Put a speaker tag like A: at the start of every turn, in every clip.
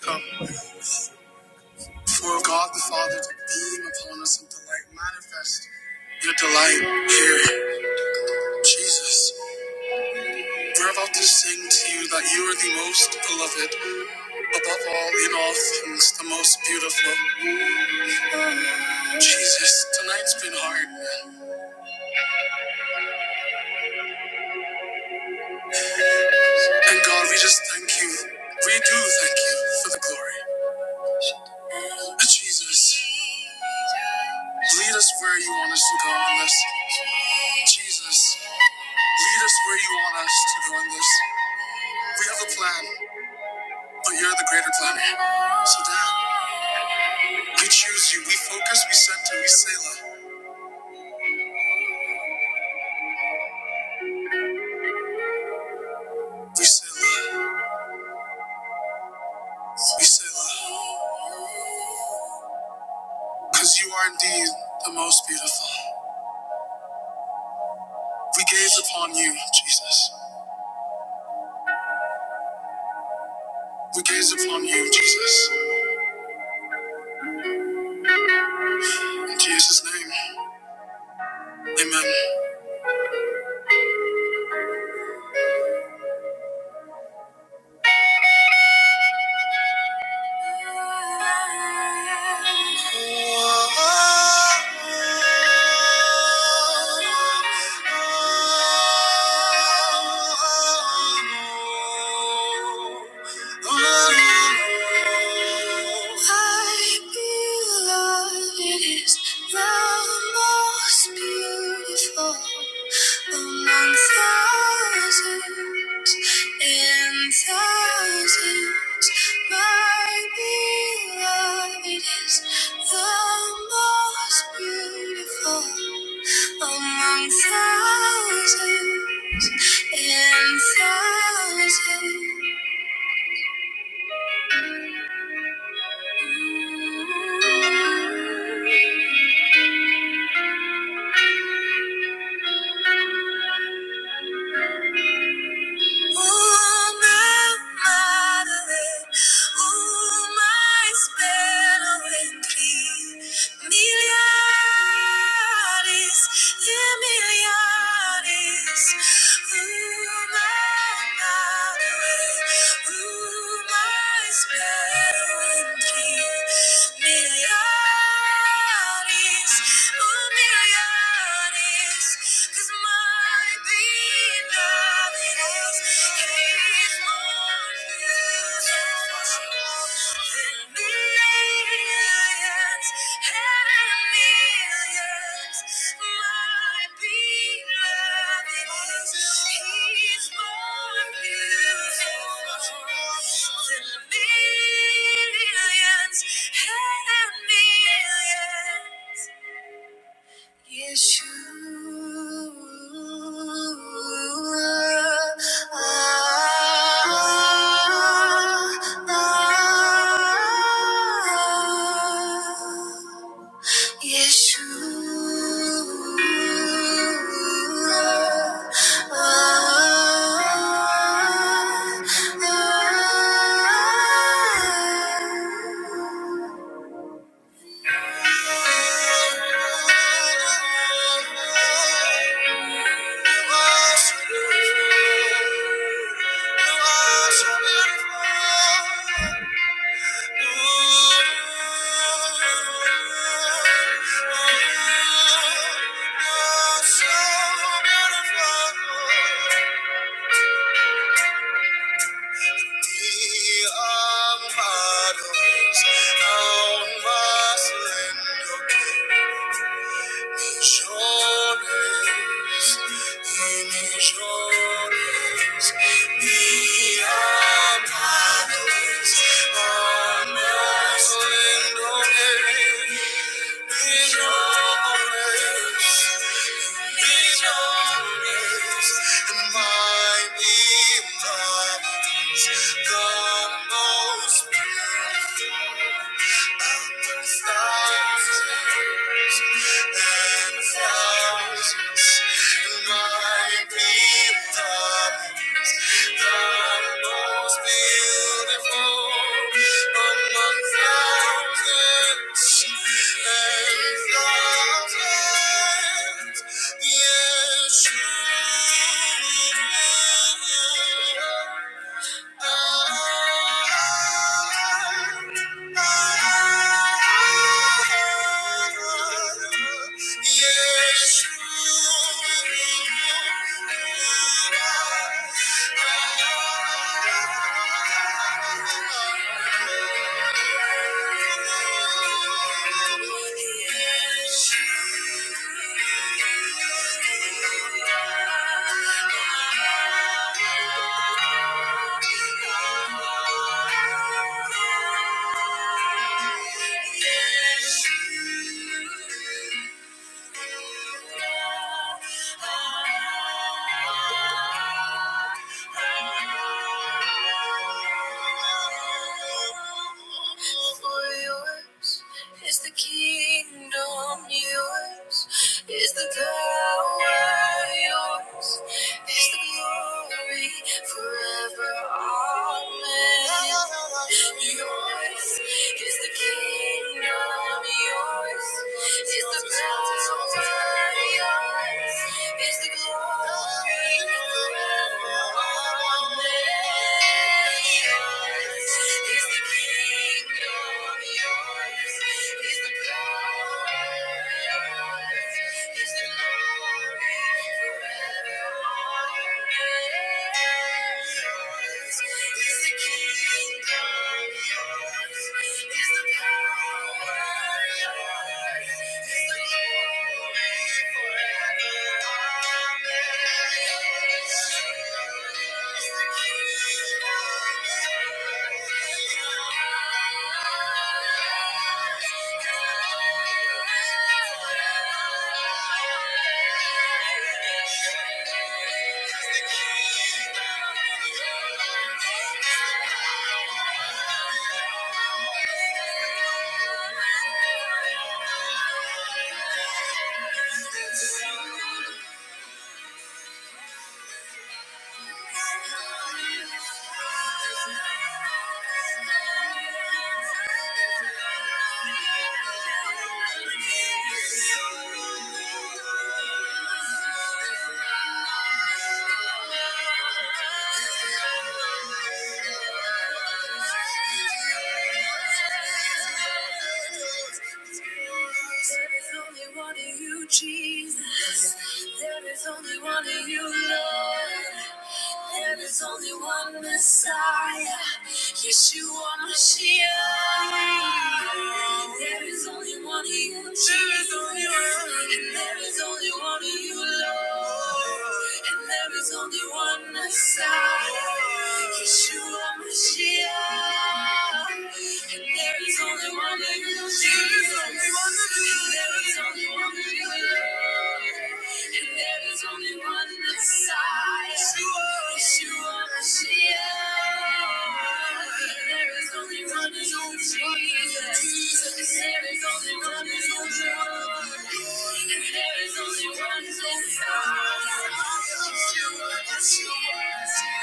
A: Come. For God the Father to beam upon us and delight, manifest your delight here. Jesus, we're about to sing to you that you are the most beloved, above all, in all things, the most beautiful. Jesus, tonight's been hard, and God, we just thank you. We do thank you for the glory. Jesus, lead us where you want us to go in this. Jesus, lead us where you want us to go in this. We have a plan. but you're the greater planet. So down. We choose you. We focus. We center. We Selah. We Selah. We Selah. Because you are indeed the most beautiful. We gaze upon you, Jesus. We gaze upon you, Jesus. In Jesus' name, amen. Oh, I beloved is the most beautiful among thousands and thousands. My beloved is the most beautiful among thousands and thousands. Milliardes, Millions and millions. Yeshua. Yeshua, How must Millones y millones y amados, amados en nombre. Millones, y millones, my beloved, the most beautiful thousands. And thousands might be thou, the most beautiful among thousands and thousands. Yes, you are. Yes, you. You are. For yours is the kingdom, yours is the power, yours is the glory forever. Amen. Yours is the kingdom, yours is the power, yours is the glory. forever. Forever, amen. Thank you. Thank you only one of you, Jesus. There is only one of you, Lord. There is only one Messiah, Yeshua Mashiach. There is only one of you, Jesus. And there is only one of you, Lord. And there is only one Messiah, Yeshua Mashiach. There is only one like you, Jesus. There is only one like you, and there is only one Messiah. Yeshua Mashiach. There is only one Jesus. There is only one Lord, and there is only one Messiah. Yeshua Mashiach. Thank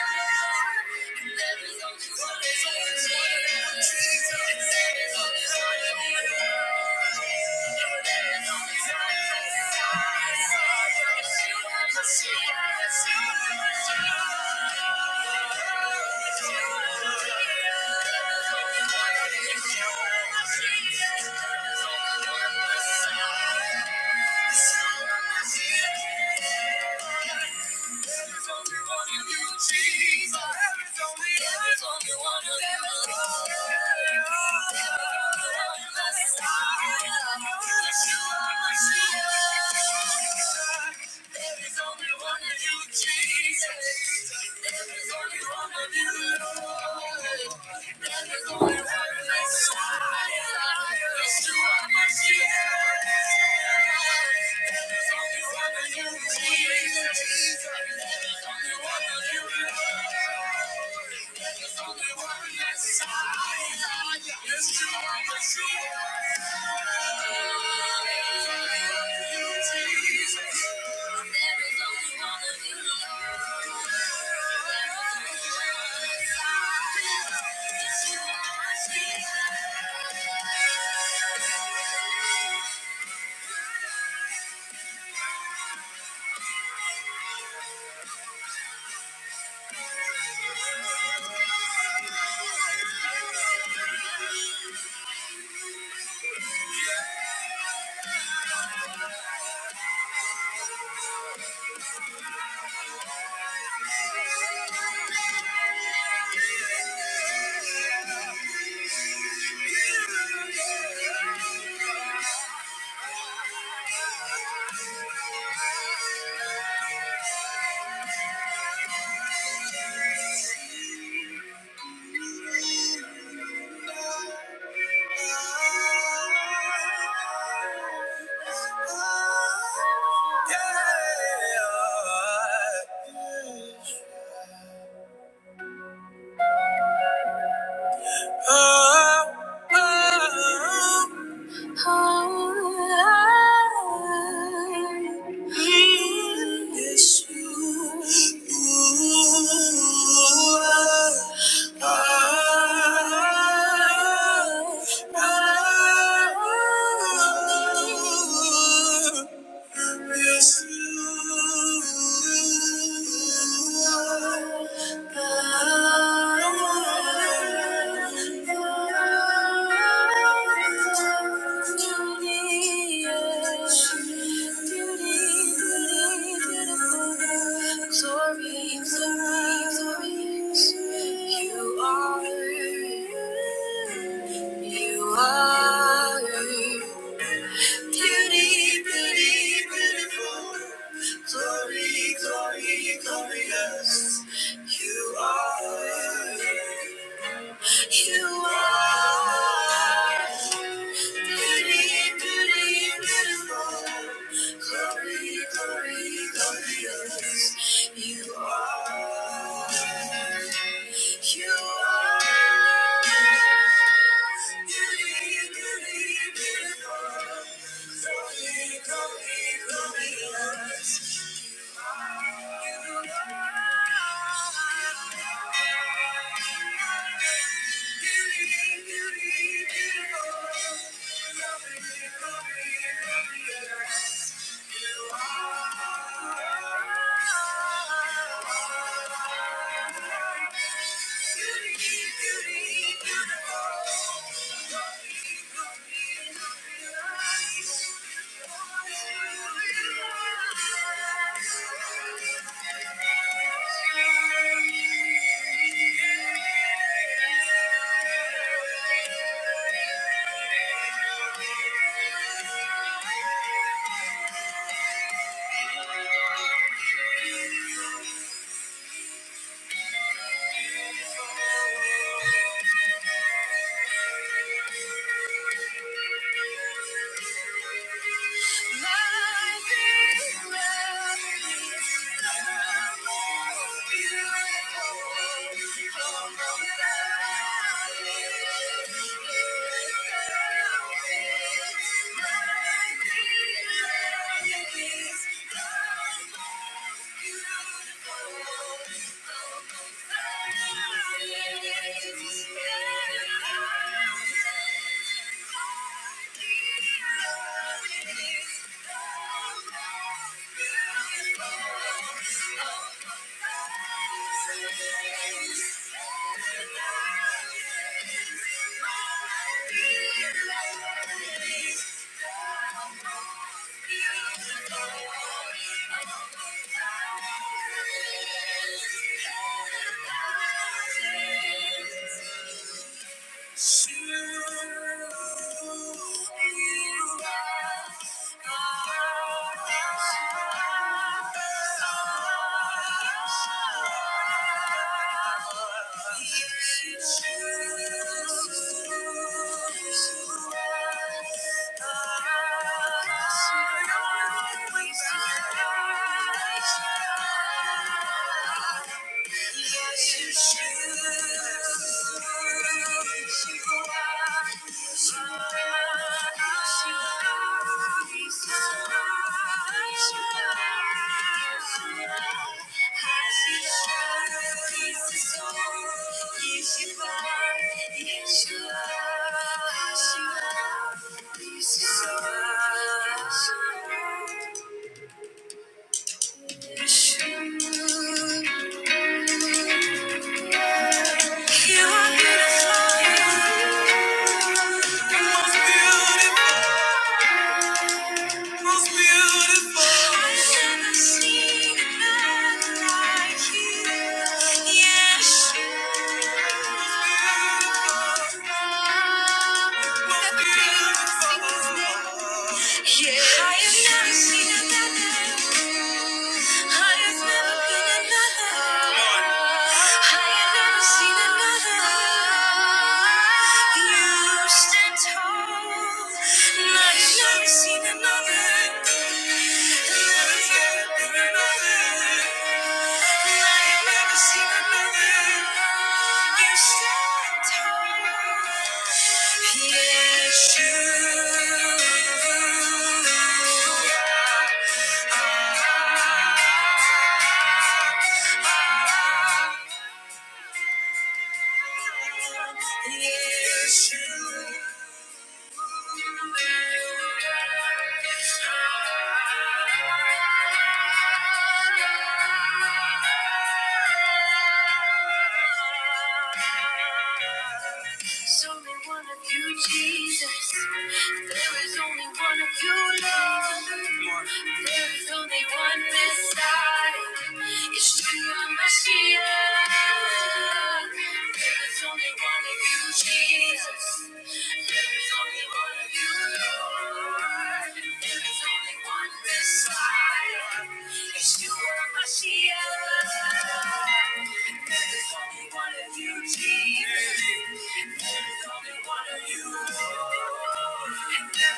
A: you. There is only one that's higher. There's only one of you. There's only one of you Lord. Yeah. Oh, oh, Yeah. Yes. You are. you are. Glory, glorious. You are, beautiful. glorious. You are. beautiful. glorious. You are. Beautiful, beautiful, beautiful. Don't be, don't be, don't be lost. Don't be, don't be, don't be lost. Thank you. Thank you. Thank you. You are beautiful. Most beautiful. I've never seen a man like you. Yes, most beautiful. Most beautiful. Yeah. I have never seen another. I have never been another. I have never seen another. You stand tall. And I have never seen another. And there has never been another. I have never seen another. You stand tall. Yes, you. Yes, you. are. There's only one of you, Jesus. There is only one of you, Lord. There is only one Messiah. Yeshua Mashiach. There is only one of you, Jesus. There is only one of you, Lord. There is only one Messiah. Yeshua Mashiach. There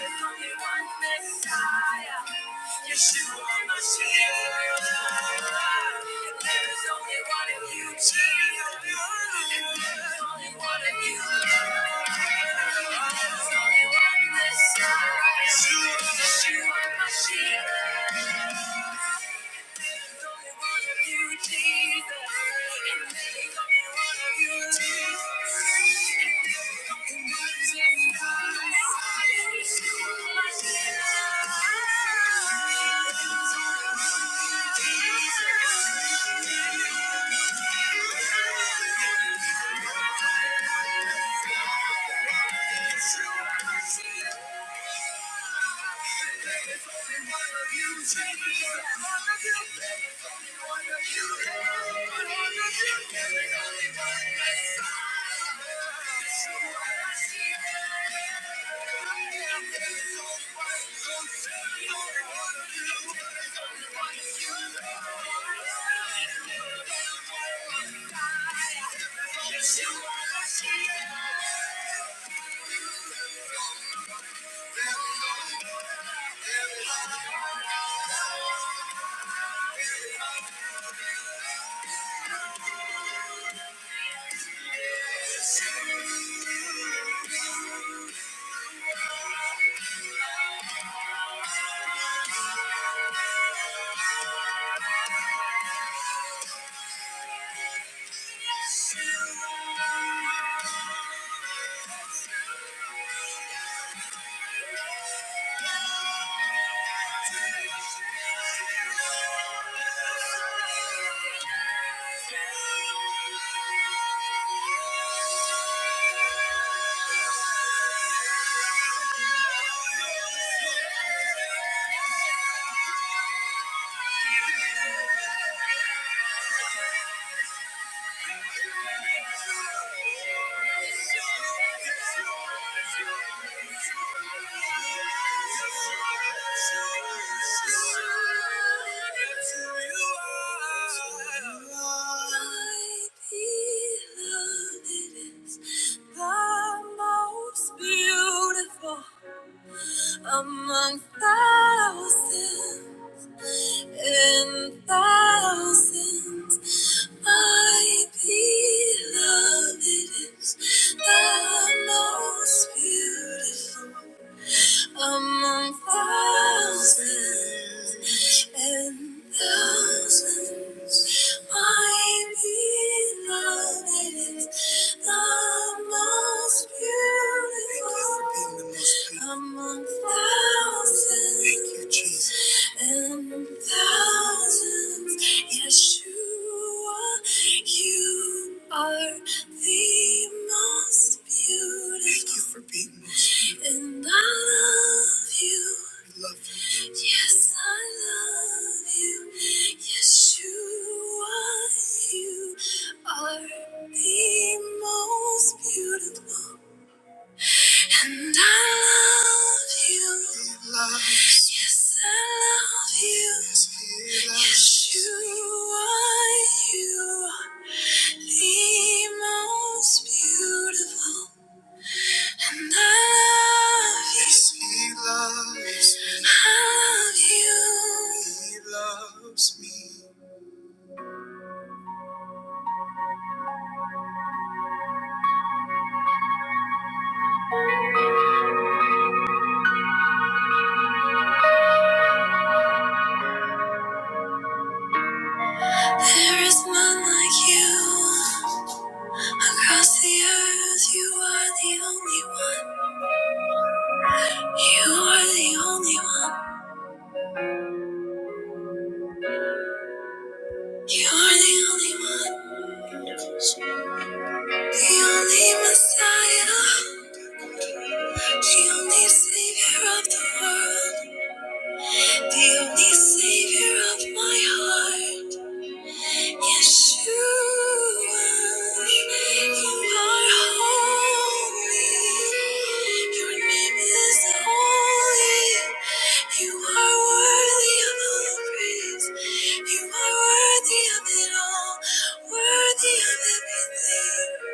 A: is only one Messiah. Yeshua, Yeshua, Mashiach. Jesus. Thank you. Thank you. Beautiful among thousands and thousands. My beloved is the most beautiful among thousands and thousands. My beloved is the most beautiful among thousands and thousands. Yeshua, you are the most beautiful. Thank you for being and I love you. Yes, I love you. Yes, you are. You are the most beautiful. And I love you. Yes, I love you. Yes, Yes, you are. You are the most beautiful. And I love you. Yes, he loves me. I love you. He loves me. There is none like you. Across the earth, you are the only one. You are the only one. You are the only one. The only Messiah. The only Savior of the world. The only Savior of my heart. Yes, you are. You are holy. Your name is holy. You are worthy of all praise. You are worthy of it all. Worthy of everything.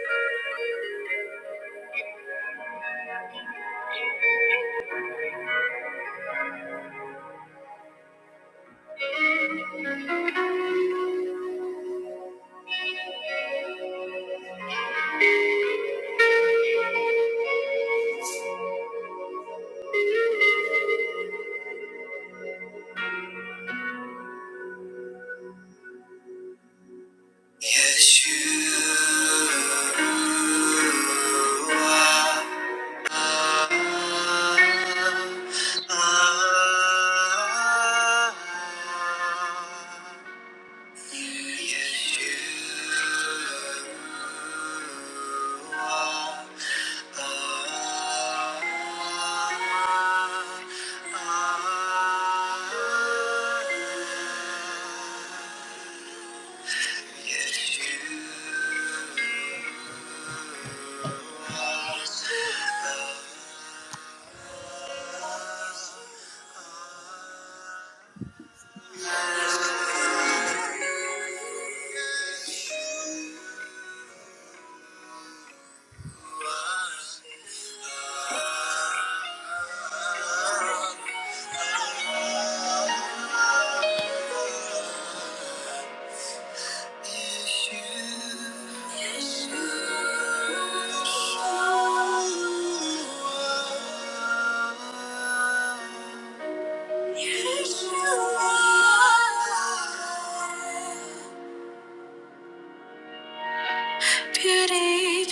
A: You Beauty,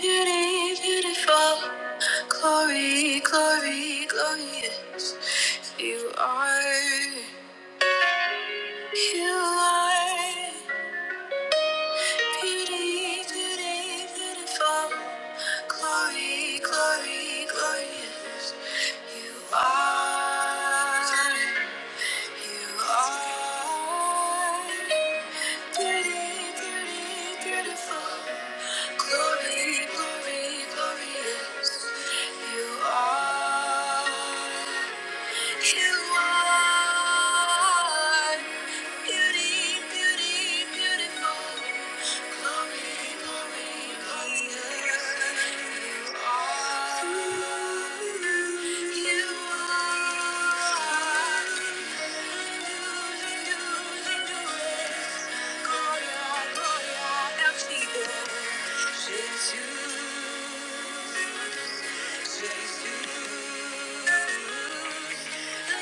A: beauty, beautiful. Glory, glory, glorious. You are, you are. Beauty today, beautiful. Glory, glory, glorious. You are, you are. Beauty, beauty, beautiful. Glory, glory, glorious. You are. You are beauty, beauty, beautiful. Glory, glory, glorious. You are. You are. Gloria, gloria, elfide. Jesus. Jesus. Thank you.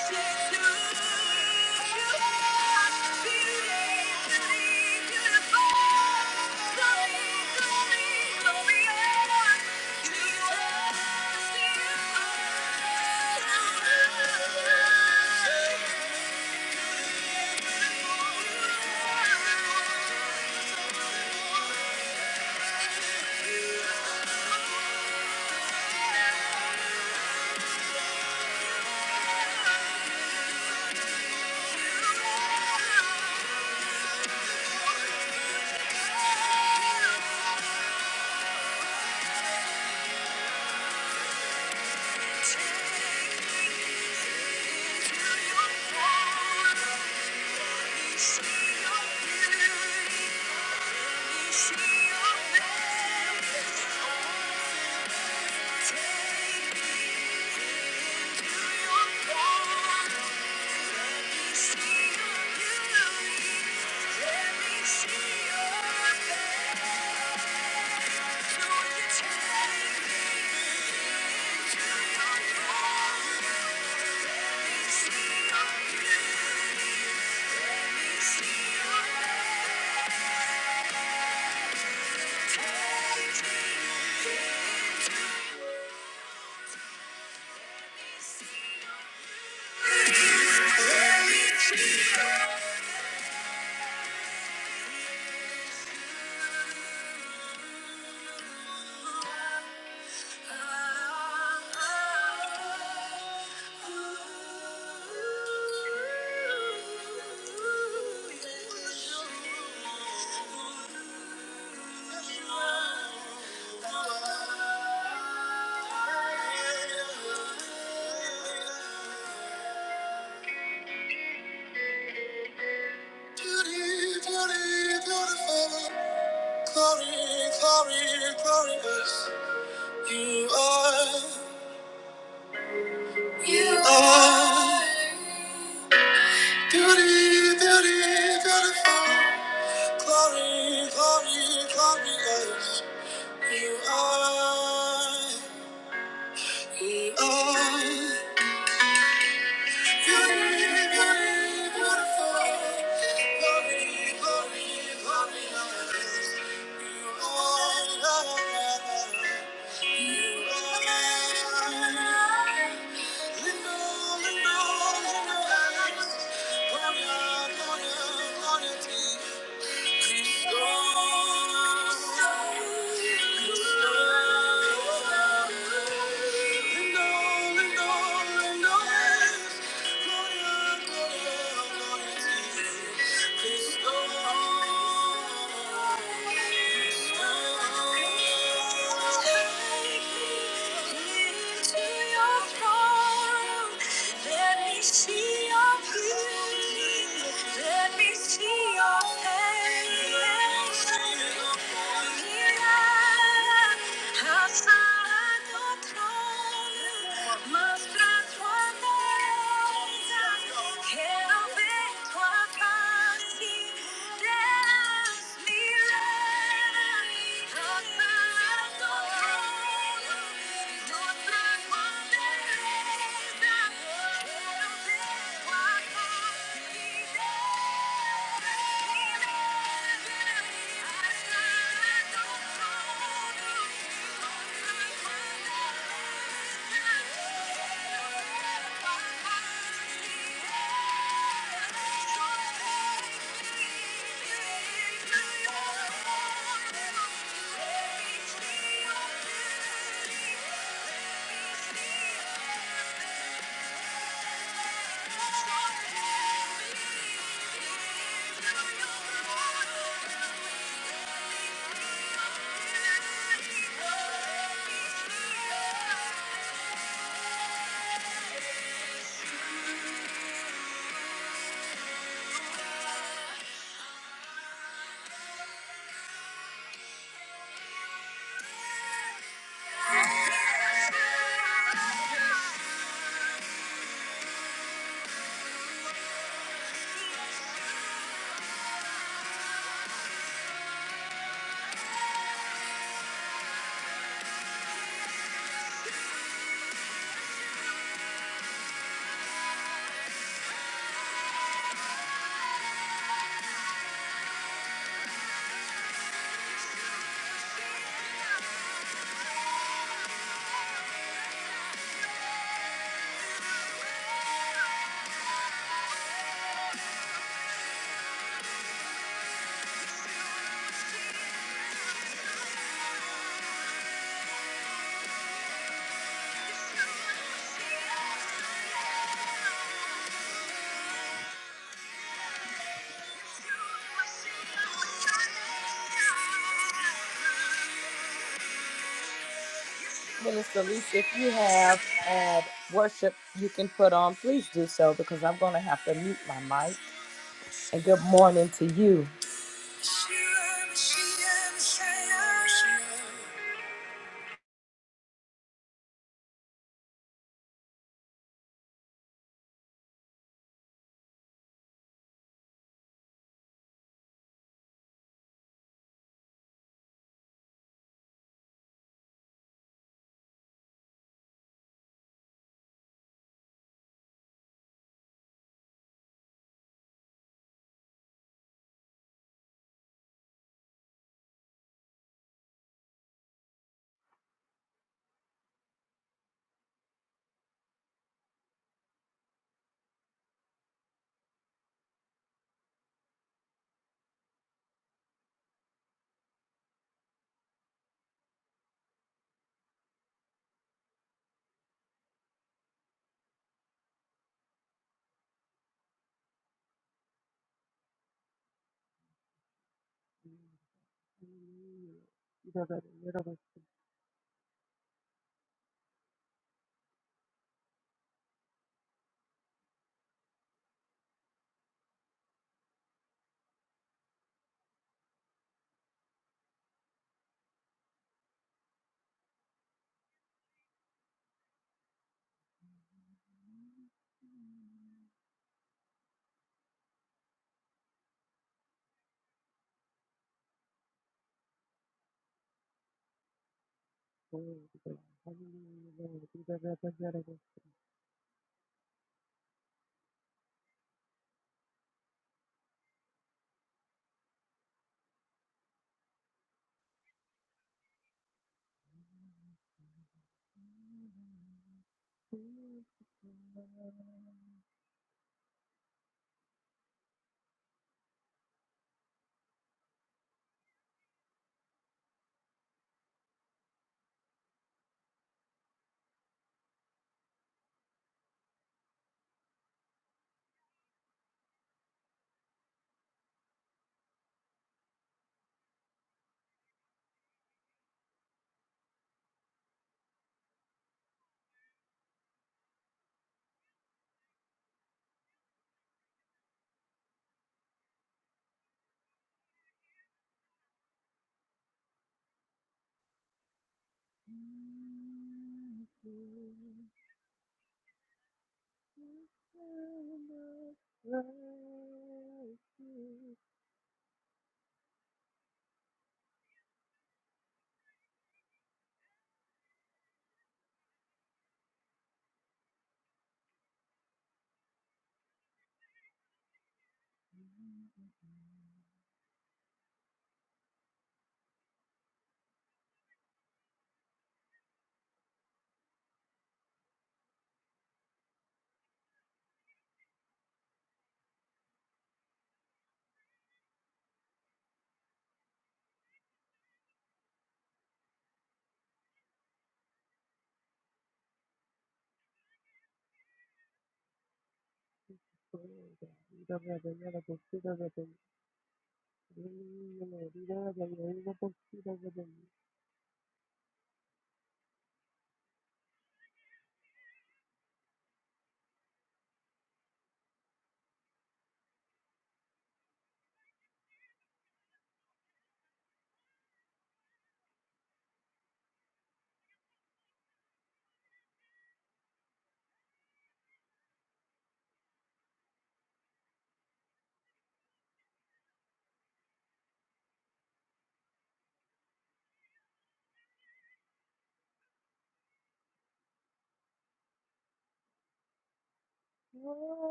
A: Thank you. me your beauty. Let see see beauty. your face. Thank you. You are, you are. beauty, beauty, beautiful, glory, glory, glorious. You are, you are. Gloria, gloria, gloria to you. Thank you. Please go on. Please go Take me into your throne Let me see your beauty. Let me see your face. Thank you. Thank you. Minister Lisa, if you have ad worship you can put on, please do so because I'm going to have to mute my mic. And good morning to you.
B: God,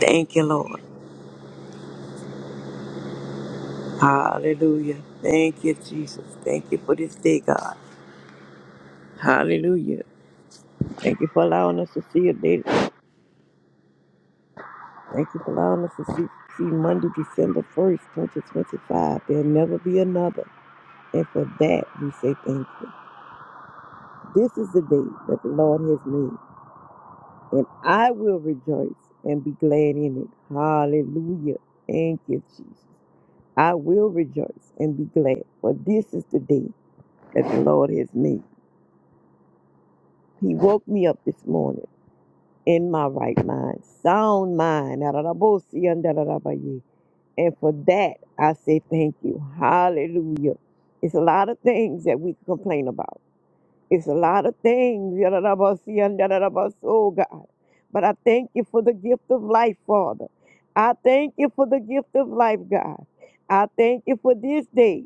C: Thank you, Lord. Hallelujah. Thank you, Jesus. Thank you for this day, God. Hallelujah. Thank you for allowing us to see a day. Thank you for allowing us to see, see Monday, December 1st, 2025. There'll never be another. And for that, we say thank you. This is the day that the Lord has made, and I will rejoice and be glad in it. Hallelujah. Thank you, Jesus. I will rejoice and be glad, for this is the day that the Lord has made. He woke me up this morning in my right mind, sound mind. da and da And for that, I say thank you. Hallelujah. It's a lot of things that we complain about. It's a lot of things. da and da Oh, God. But I thank you for the gift of life, Father. I thank you for the gift of life, God. I thank you for this day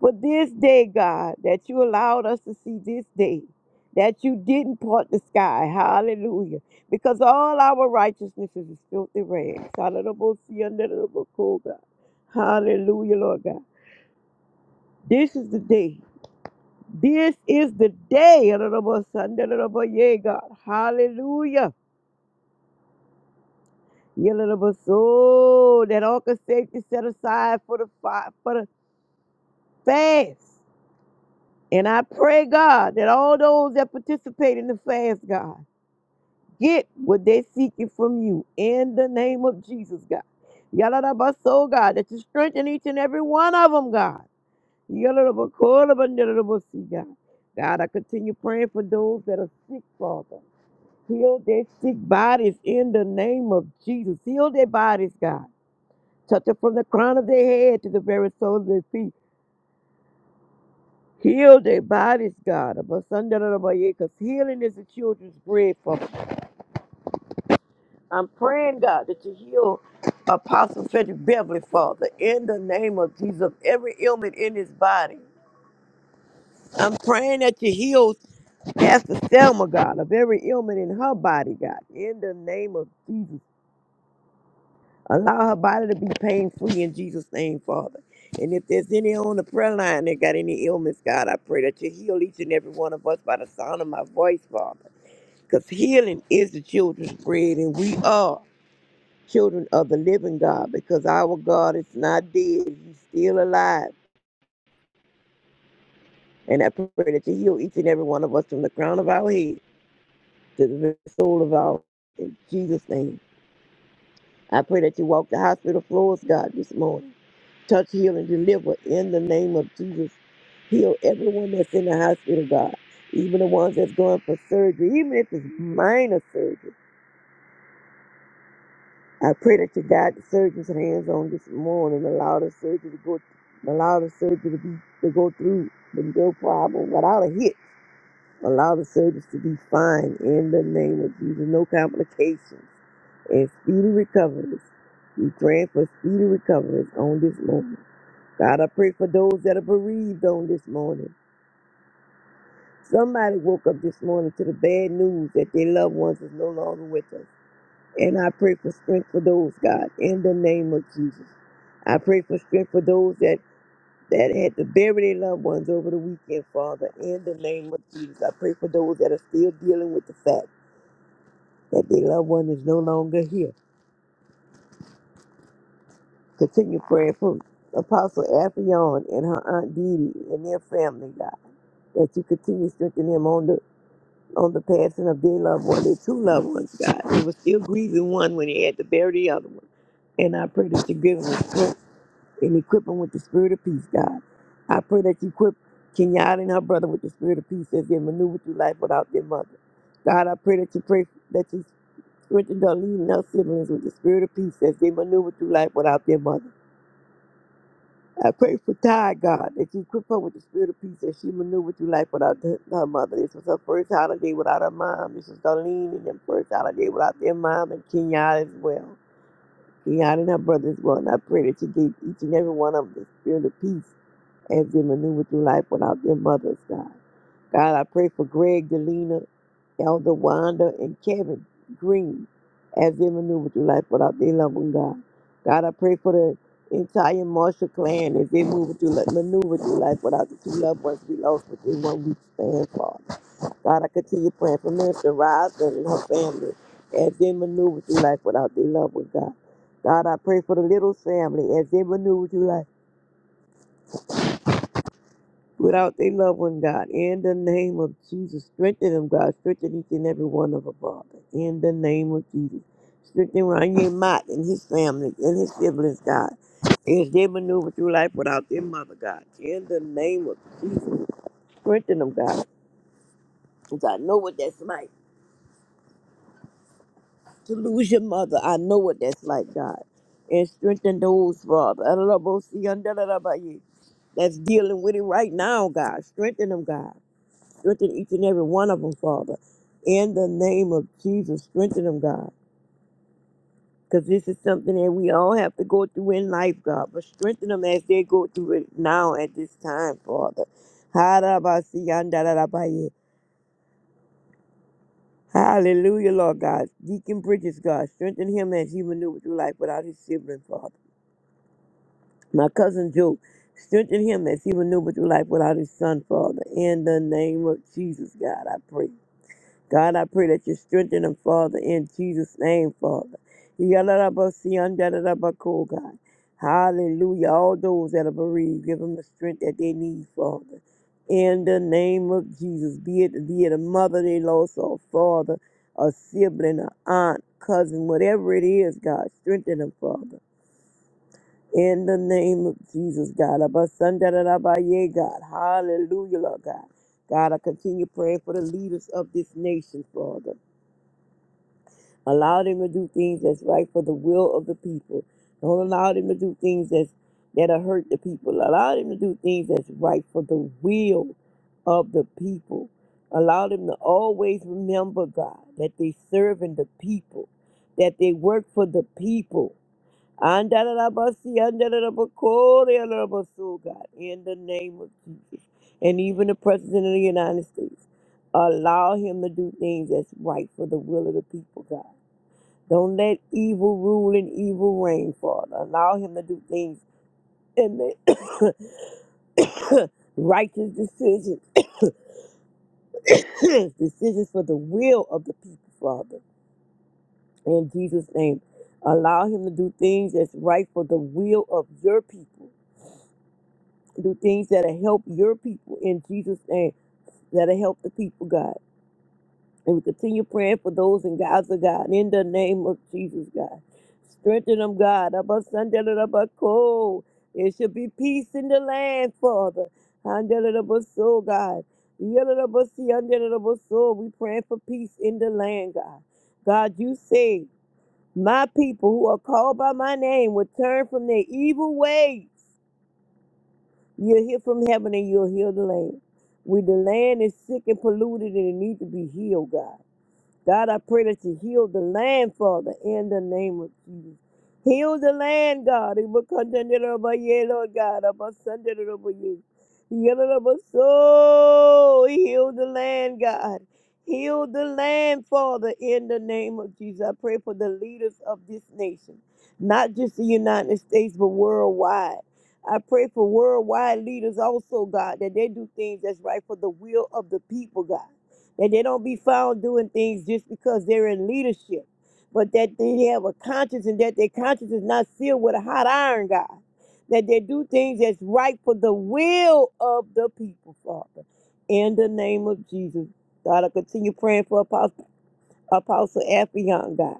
C: for this day, God, that you allowed us to see this day, that you didn't part the sky. Hallelujah. Because all our righteousness is as filthy rags. Hallelujah. Hallelujah, Lord God. This is the day. This is the day. Hallelujah, God. Hallelujah. Hallelujah. So that all can safety set aside for the fi- for the fast. And I pray, God, that all those that participate in the fast, God, get what they're seeking from you in the name of Jesus, God. Yaladabaso, God, that you strengthen each and every one of them, God. Yaladabakolabandaladabasi, God, God, I continue praying for those that are sick, Father. Heal their sick bodies in the name of Jesus. Heal their bodies, God. Touch them from the crown of their head to the very sole of their feet. Heal their bodies, God. Because healing is the children's bread. Father. I'm praying, God, that you heal Apostle Frederick Beverly, Father, in the name of Jesus, every ailment in his body. I'm praying that you heal Pastor Selma, God, of every ailment in her body, God, in the name of Jesus. Allow her body to be pain free in Jesus' name, Father. And if there's any on the prayer line that got any ailments, God, I pray that you heal each and every one of us by the sound of my voice, Father. because healing is the children's bread, and we are children of the living God because our God is not dead, He's still alive. And I pray that you heal each and every one of us from the crown of our head to the very soul of our in Jesus' name. I pray that you walk the hospital floors, God, this morning. Touch, heal, and deliver in the name of Jesus. Heal everyone that's in the hospital, God. Even the ones that's going for surgery, even if it's minor surgery. I pray that you guide the surgeon's hands on this morning, allow the surgery to go, allow the surgery to be to go through with no problem, without a hit. Allow the surgeons to be fine in the name of Jesus, no complications and speedy recoveries. We pray for speedy recoveries on this morning. God, I pray for those that are bereaved on this morning. Somebody woke up this morning to the bad news that their loved ones is no longer with us. And I pray for strength for those, God, in the name of Jesus. I pray for strength for those that, that had to bury their loved ones over the weekend, Father, in the name of Jesus. I pray for those that are still dealing with the fact that their loved one is no longer here. Continue praying for Apostle Afion and her Aunt Didi and their family, God, that you continue strengthening them on the on the passing of their loved one, their two loved ones, God. They were still grieving one when they had to bury the other one. And I pray that you give them strength and equip them with the spirit of peace, God. I pray that you equip Kenyatta and her brother with the spirit of peace as they maneuver through life without their mother. God, I pray that you pray that you strengthen Darlene and her siblings with the spirit of peace as they maneuver through life without their mother. I pray for Ty, God, that you equip her with the spirit of peace as she maneuvered through life without her her mother. This was her first holiday without her mom. This was Darlene and their first holiday without their mom and Kenyatta as well. Kenyatta and her brother as well. And I pray that you gave each and every one of them the spirit of peace as they maneuver through life without their mothers, God. God, I pray for Greg Delina, Elder Wanda, and Kevin Green as they maneuver through life without their loved one, God. God, I pray for the entire Marshall clan as they move through, li- maneuver through life without the two loved ones we lost within one week span, Father. God, I continue praying for Minister Rosalind and her family as they maneuver through life without their loved one, God. God, I pray for the little family as they maneuver through life. without their loved one, God. In the name of Jesus, strengthen them, God. Strengthen each and every one of them, Father. In the name of Jesus. Strengthen Ranye Mott and his family and his siblings, God. As they maneuver through life without their mother, God. In the name of Jesus. Strengthen them, God. Because I know what that's like to lose your mother. I know what that's like, God. And strengthen those, Father. That's dealing with it right now, God. Strengthen them, God. Strengthen each and every one of them, Father. In the name of Jesus, strengthen them, God. Because this is something that we all have to go through in life, God. But strengthen them as they go through it now at this time, Father. Harabasiandarabaye. Hallelujah, Lord God. Deacon Bridges, God. Strengthen him as he maneuvered through life without his sibling, Father. My cousin Joe. Strengthen him as he maneuvered through life without his son, Father. In the name of Jesus, God, I pray. God, I pray that you strengthen him, Father, in Jesus' name, Father. Yalalabasiandalabako, God. Hallelujah. All those that are bereaved, give them the strength that they need, Father. In the name of Jesus, be it, be it a mother they lost, or a father, a sibling, a aunt, cousin, whatever it is, God, strengthen them, Father. In the name of Jesus, God. Abasandalabaye, God. Hallelujah, Lord God. God, I continue praying for the leaders of this nation, Father. Allow them to do things that's right for the will of the people. Don't allow them to do things that's, that'll hurt the people. Allow them to do things that's right for the will of the people. Allow them to always remember, God, that they're serving the people, that they work for the people. Andalabasi, andalabakori, andalabasu, God, in the name of Jesus. And even the President of the United States, allow him to do things that's right for the will of the people, God. Don't let evil rule and evil reign, Father. Allow him to do things and make righteous decisions, decisions for the will of the people, Father. In Jesus' name, allow him to do things that's right for the will of your people. Do things that'll help your people in Jesus' name, that'll help the people, God. And we continue praying for those in Gaza, God, in the name of Jesus, God. Strengthen them, God. Abba Sunday, Abba Cold. There should be peace in the land, Father. Handle Abba Soul, God. Yellow Abba See, Handle Abba Soul. We praying for peace in the land, God. God, you say, my people who are called by my name will turn from their evil ways. You'll hear from heaven and you'll heal the land. We, the land is sick and polluted and it needs to be healed, God. God, I pray that you heal the land, Father, in the name of Jesus. Heal the land, God. It will contend it over you, Lord God. I Above Sunday, it over you. Heal it over soul. Heal the land, God. Heal the land, Father, in the name of Jesus. I pray for the leaders of this nation, not just the United States, but worldwide. I pray for worldwide leaders also, God, that they do things that's right for the will of the people, God that they don't be found doing things just because they're in leadership, but that they have a conscience and that their conscience is not sealed with a hot iron, God. That they do things that's right for the will of the people, Father. In the name of Jesus, God, I continue praying for Apostle, Apostle Affion, God.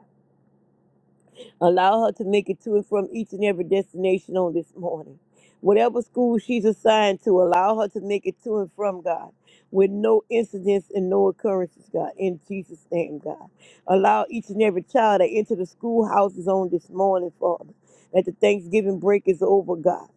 C: Allow her to make it to and from each and every destination on this morning. Whatever school she's assigned to, allow her to make it to and from God with no incidents and no occurrences, God, in Jesus' name, God. Allow each and every child that enter the schoolhouses on this morning, Father, that the Thanksgiving break is over, God.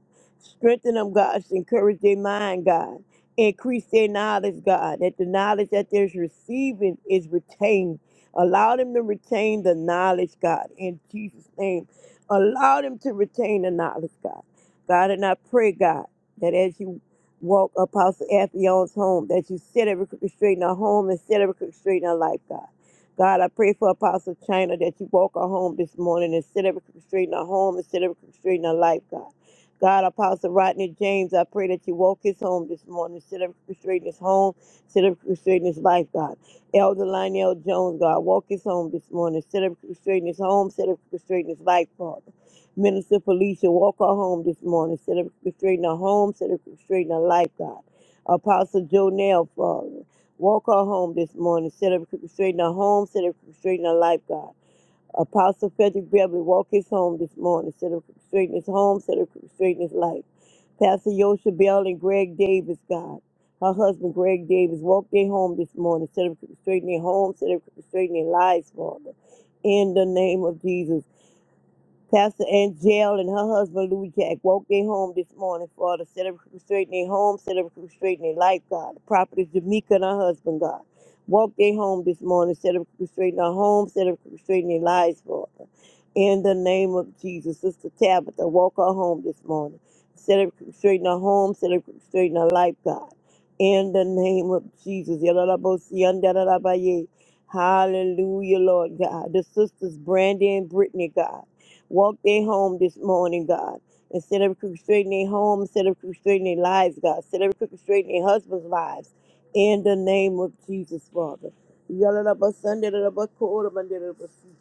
C: Strengthen them, God. Encourage their mind, God. Increase their knowledge, God, that the knowledge that they're receiving is retained, Allow them to retain the knowledge, God, in Jesus' name. Allow them to retain the knowledge, God. God, and I pray, God, that as you walk Apostle Aphion's home, that you set every crooked straight in her home and set every crooked straight in her life, God. God, I pray for Apostle China that you walk her home this morning and set every crooked straight in her home and set every crooked straight in her life, God. God, Apostle Rodney James, I pray that you walk his home this morning, set every crooked straight in his home, set every crooked straight in his life, God. Elder Lionel Jones, God, walk his home this morning. Set up straighten his home, set up straighten his life, Father. Minister Felicia, walk her home this morning. Set up straighten her home, set up straighten her life, God. Apostle Jonell, Father, walk her home this morning. Set up straighten her home, set up straighten her life, God. Apostle Frederick Beverly walk his home this morning, set up straighten his home, set up straighten his life. Pastor Yosha Bell and Greg Davis, God, her husband Greg Davis, walk their home this morning, set up straighten their home, set up straighten their lives, Father. In the name of Jesus. Pastor Angel and her husband Lou Jack walked their home this morning, Father. Set up straightening their home, set up straightening their life, God. The property Jamaica and her husband, God. Walk their home this morning, set up straightening their home, set up straightening their lives, Father. In the name of Jesus, Sister Tabitha, walk her home this morning. Set up straightening her home, set up straightening her life, God. In the name of Jesus. Yalalabosiandalabaye. Hallelujah, Lord God. The sisters Brandy and Brittany, God. Walk their home this morning, God. And set every crooked straight in their home, set every crooked straight in their lives, God. Set every crooked straight in their husband's lives. In the name of Jesus, Father. Yalalabasandalabakorobandalalabasi.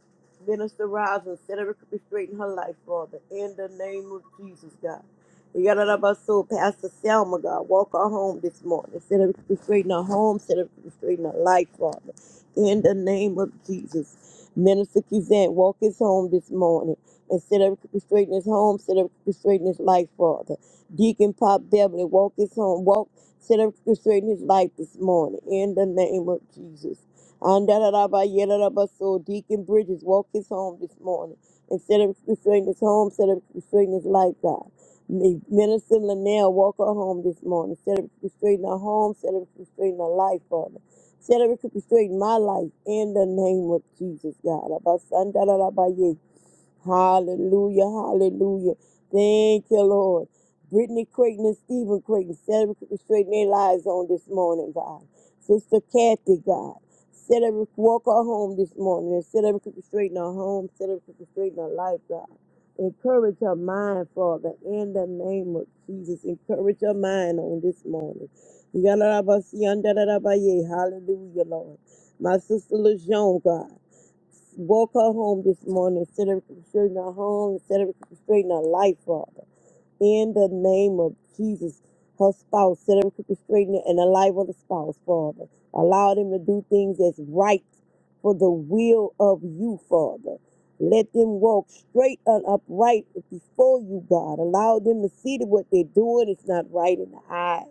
C: Minister Rosin, set every crooked straight in her life, Father. In the name of Jesus, God. Yalalabaso, Pastor Selma, God. Walk her home this morning. Set every crooked straight in her home, set every crooked straight in her life, Father. In the name of Jesus. Minister Kizant, walk his home this morning and set every straight in his home, set every crooked straight in his life, Father. Deacon Pop Beverly, walk his home, walk, set every crooked straight in his life this morning, in the name of Jesus. Andarabaso, Deacon Bridges, walk his home this morning, and set every straight in his home, set every crooked straight in his life, God. May Minister Linnell walk her home this morning, set every crooked straight in her home, set every crooked straight in her life, Father. Set every crooked straight in my life in the name of Jesus, God. Hallelujah, hallelujah. Thank you, Lord. Brittany Creighton and Stephen Creighton, celebrating their lives on this morning, God. Sister Kathy, God. Set every walk her home this morning and set every crooked straight in her home, set every crooked straight in her life, God. Encourage her mind, Father, in the name of Jesus. Encourage her mind on this morning. Yalalabasiandalabaye. Hallelujah, Lord. My sister LaJean, God woke her home this morning instead of straighten her home, instead of straighten her life, Father. In the name of Jesus, her spouse, set her crooked straight in- and the life of the spouse, Father. Allow them to do things that's right for the will of you, Father. Let them walk straight and upright before you, God. Allow them to see that what they're doing is not right in the eyes.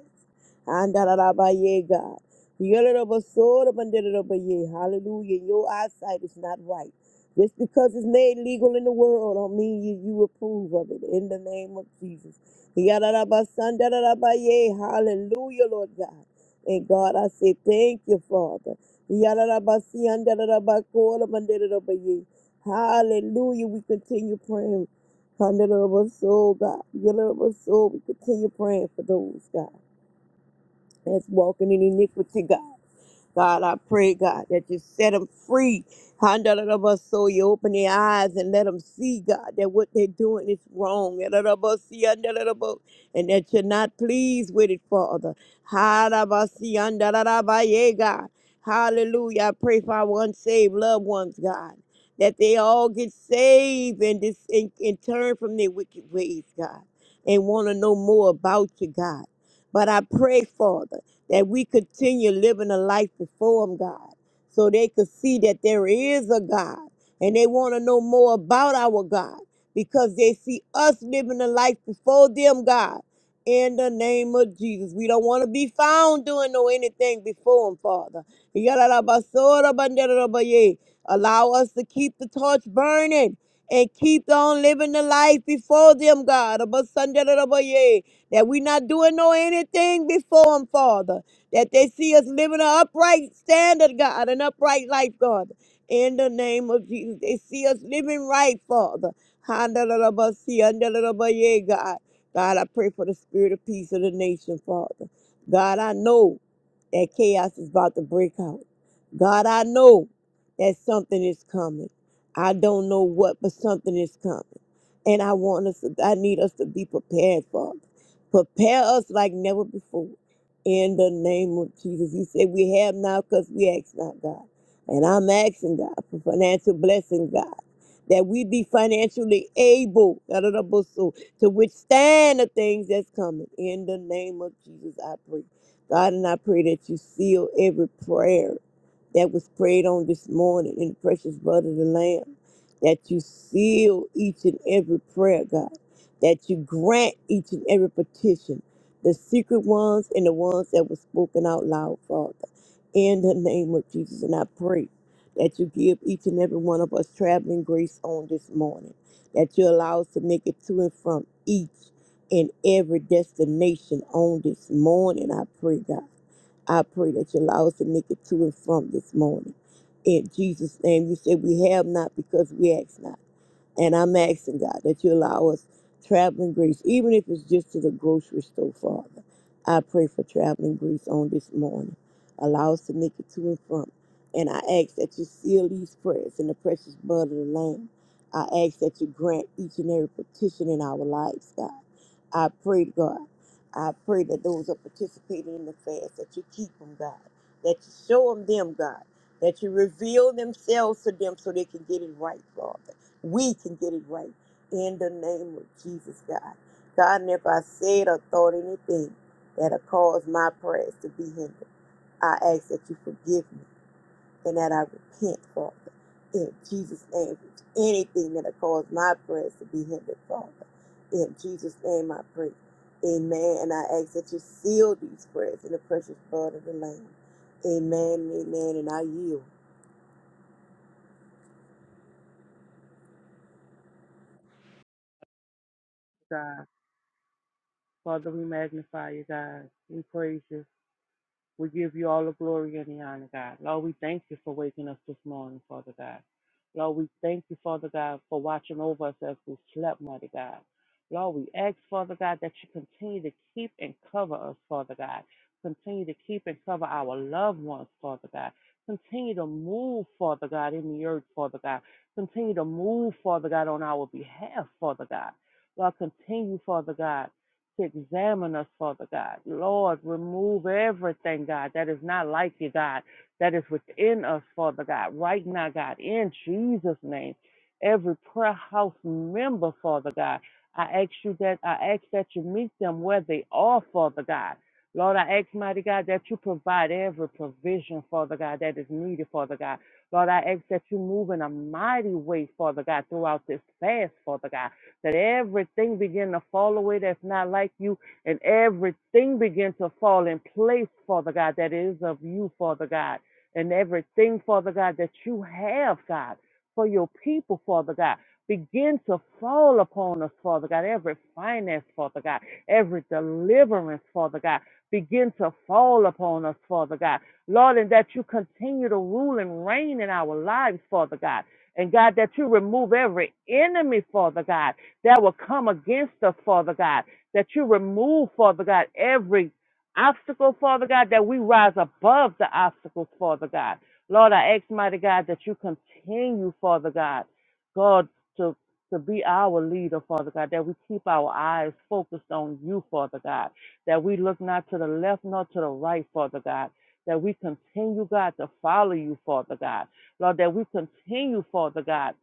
C: Andarabaye, God. Yelelobosorobandelelobeye. Hallelujah. Your eyesight is not right. Just because it's made legal in the world don't mean you, you approve of it. In the name of Jesus. Yadadabasandarabaye. Hallelujah, Lord God. And God, I say thank you, Father. Yadadabasiandarabakorabandelelobeye. Hallelujah. We continue praying. Hallelujah, soul, God. Yadadabasoul. We continue praying for those, God that's walking in iniquity, God. God, I pray, God, that you set them free. So you open their eyes and let them see, God, that what they're doing is wrong. Yadadabasi, yadadadabo, And that you're not pleased with it, Father. Hadabasi, yadadadabaye, God. Hallelujah. I pray for our unsaved loved ones, God, that they all get saved and, dis- and, and turn from their wicked ways, God, and want to know more about you, God. But I pray, Father that we continue living a life before them, God, so they could see that there is a God and they want to know more about our God because they see us living a life before them, God. In the name of Jesus, we don't want to be found doing no anything before Him, Father. Yalalabasorabandarabaya. Allow us to keep the torch burning and keep on living the life before them, God. Abasandarabaya that we not doing no anything before him, Father, that they see us living an upright standard, God, an upright life, God. In the name of Jesus, they see us living right, Father. Handalabasi, andalabaye, God. God, I pray for the spirit of peace of the nation, Father. God, I know that chaos is about to break out. God, I know that something is coming. I don't know what, but something is coming. And I want us, to, I need us to be prepared, Father. Prepare us like never before. In the name of Jesus. You said we have now because we ask not, God. And I'm asking God for financial blessing, God. That we be financially able da, da, da, bo, so, to withstand the things that's coming. In the name of Jesus, I pray. God, and I pray that you seal every prayer that was prayed on this morning in the precious blood of the Lamb, that you seal each and every prayer, God, that you grant each and every petition, the secret ones and the ones that were spoken out loud, Father, in the name of Jesus. And I pray that you give each and every one of us traveling grace on this morning, that you allow us to make it to and from each in every destination on this morning. I pray, God. I pray that you allow us to make it to and from this morning. In Jesus' name, you said we have not because we ask not. And I'm asking God that you allow us traveling grace, even if it's just to the grocery store, Father. I pray for traveling grace on this morning. Allow us to make it to and from. And I ask that you seal these prayers in the precious blood of the Lamb. I ask that you grant each and every petition in our lives, God. I pray, God. I pray that those who are participating in the fast, that you keep them, God. That you show them, them, God. That you reveal themselves to them so they can get it right, Lord. We can get it right in the name of Jesus, God. God, and if I said or thought anything that'll cause my prayers to be hindered, I ask that you forgive me and that I repent, Father. In Jesus' name, anything that'll cause my prayers to be hindered, Father. In Jesus' name, I pray. Amen. And I ask that you seal these prayers in the precious blood of the Lamb. Amen. Amen. And I yield.
B: Father, we magnify you, God. We praise you. We give you all the glory and the honor, God. Lord, we thank you for waking us this morning, Father God. Lord, we thank you, Father God, for watching over us as we slept, mighty God. Lord, we ask, Father God, that you continue to keep and cover us, Father God. Continue to keep and cover our loved ones, Father God. Continue to move, Father God, in the earth, Father God. Continue to move, Father God, on our behalf, Father God. Lord, continue, Father God to examine us, Father God. Lord, remove everything, God, that is not like you, God, that is within us, Father God, right now, God, in Jesus' name. Every prayer house member, Father God, I ask you that, I ask that you meet them where they are, Father God. Lord, I ask, mighty God, that you provide every provision, Father God, that is needed, Father God. Lord, I ask that you move in a mighty way, Father God, throughout this fast, Father God that everything begin to fall away that's not like you, and everything begin to fall in place, Father God, that is of you, Father God, and everything, Father God, that you have, God, for your people, Father God. Begin to fall upon us, Father God, every finance, Father God, every deliverance, Father God, begin to fall upon us, Father God. Lord, and that you continue to rule and reign in our lives, Father God. And God, that you remove every enemy, Father God that will come against us, Father God, that you remove, Father God, every obstacle, Father God, that we rise above the obstacles, Father God. Lord, I ask, mighty God, that you continue, Father God, God, to to be our leader, Father God, that we keep our eyes focused on you, Father God, that we look not to the left nor to the right, Father God, that we continue, God, to follow you, Father God. Lord, that we continue, Father God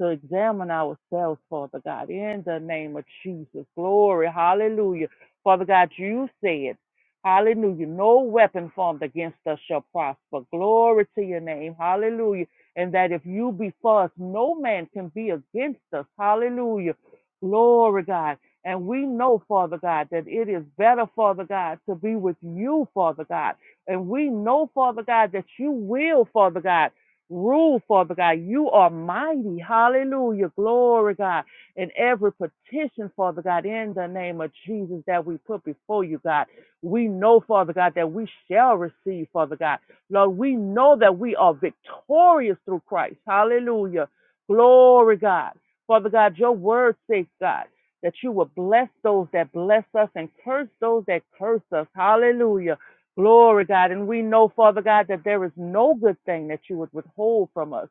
B: to examine ourselves, Father God, in the name of Jesus. Glory. Hallelujah. Father God, you said, Hallelujah. No weapon formed against us shall prosper. Glory to your name. Hallelujah. And that if you be for us, no man can be against us. Hallelujah. Glory, God. And we know, Father God, that it is better, Father God, to be with you, Father God. And we know, Father God, that you will, Father God. Rule, Father God. You are mighty. Hallelujah. Glory, God. And every petition, Father God, in the name of Jesus that we put before you, God. We know, Father God, that we shall receive, Father God. Lord, we know that we are victorious through Christ. Hallelujah. Glory, God. Father God, your word says, God, that you will bless those that bless us and curse those that curse us. Hallelujah. Glory, God. And we know, Father God, that there is no good thing that you would withhold from us.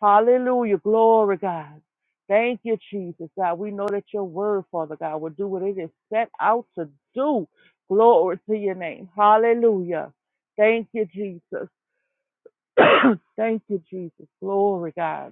B: Hallelujah. Glory, God. Thank you, Jesus, God. We know that your word, Father God, will do what it is set out to do. Glory to your name. Hallelujah. Thank you, Jesus. Thank you, Jesus. Glory, God.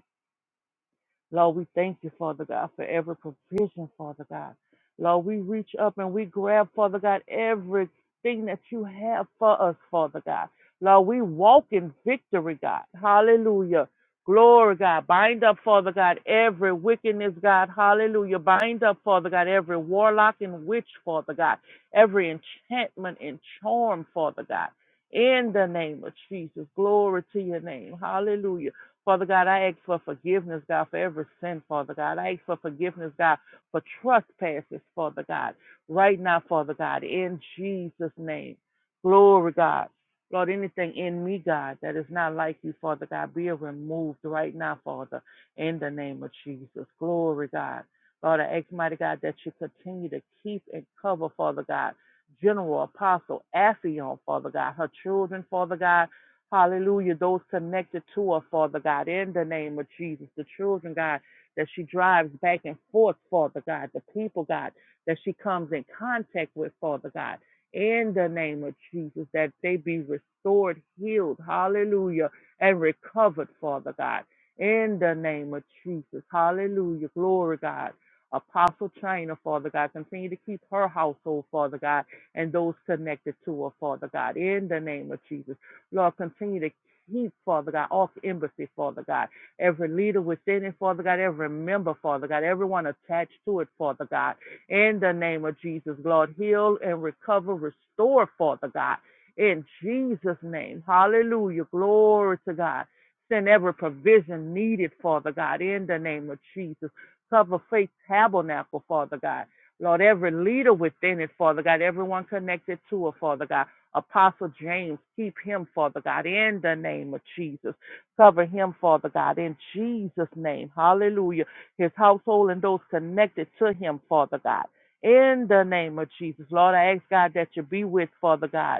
B: Lord, we thank you, Father God, for every provision, Father God. Lord, we reach up and we grab, Father God, everything that you have for us, Father God. Lord, we walk in victory, God. Hallelujah. Glory, God. Bind up, Father God, every wickedness, God. Hallelujah. Bind up, Father God, every warlock and witch, Father God. Every enchantment and charm, Father God. In the name of Jesus. Glory to your name. Hallelujah. Father God, I ask for forgiveness, God, for every sin, Father God. I ask for forgiveness, God, for trespasses, Father God, right now, Father God, in Jesus' name. Glory, God. Lord, anything in me, God, that is not like you, Father God, be removed right now, Father, in the name of Jesus. Glory, God. Lord, I ask, mighty God, that you continue to keep and cover, Father God, General Apostle Affion, Father God, her children, Father God, Hallelujah. Those connected to her, Father God, in the name of Jesus. The children, God, that she drives back and forth, Father God. The people, God, that she comes in contact with, Father God. In the name of Jesus, that they be restored, healed, hallelujah, and recovered, Father God. In the name of Jesus, hallelujah, glory, God. Apostle China, Father God, continue to keep her household, Father God, and those connected to her, Father God, in the name of Jesus. Lord, continue to keep, Father God, off embassy, Father God, every leader within it, Father God, every member, Father God, everyone attached to it, Father God, in the name of Jesus, Lord, heal and recover, restore, Father God, in Jesus' name. Hallelujah. Glory to God. Send every provision needed, Father God, in the name of Jesus. Cover faith tabernacle, Father God. Lord, every leader within it, Father God, everyone connected to it, Father God. Apostle James, keep him, Father God, in the name of Jesus. Cover him, Father God, in Jesus' name. Hallelujah. His household and those connected to him, Father God. In the name of Jesus. Lord, I ask God that you be with, Father God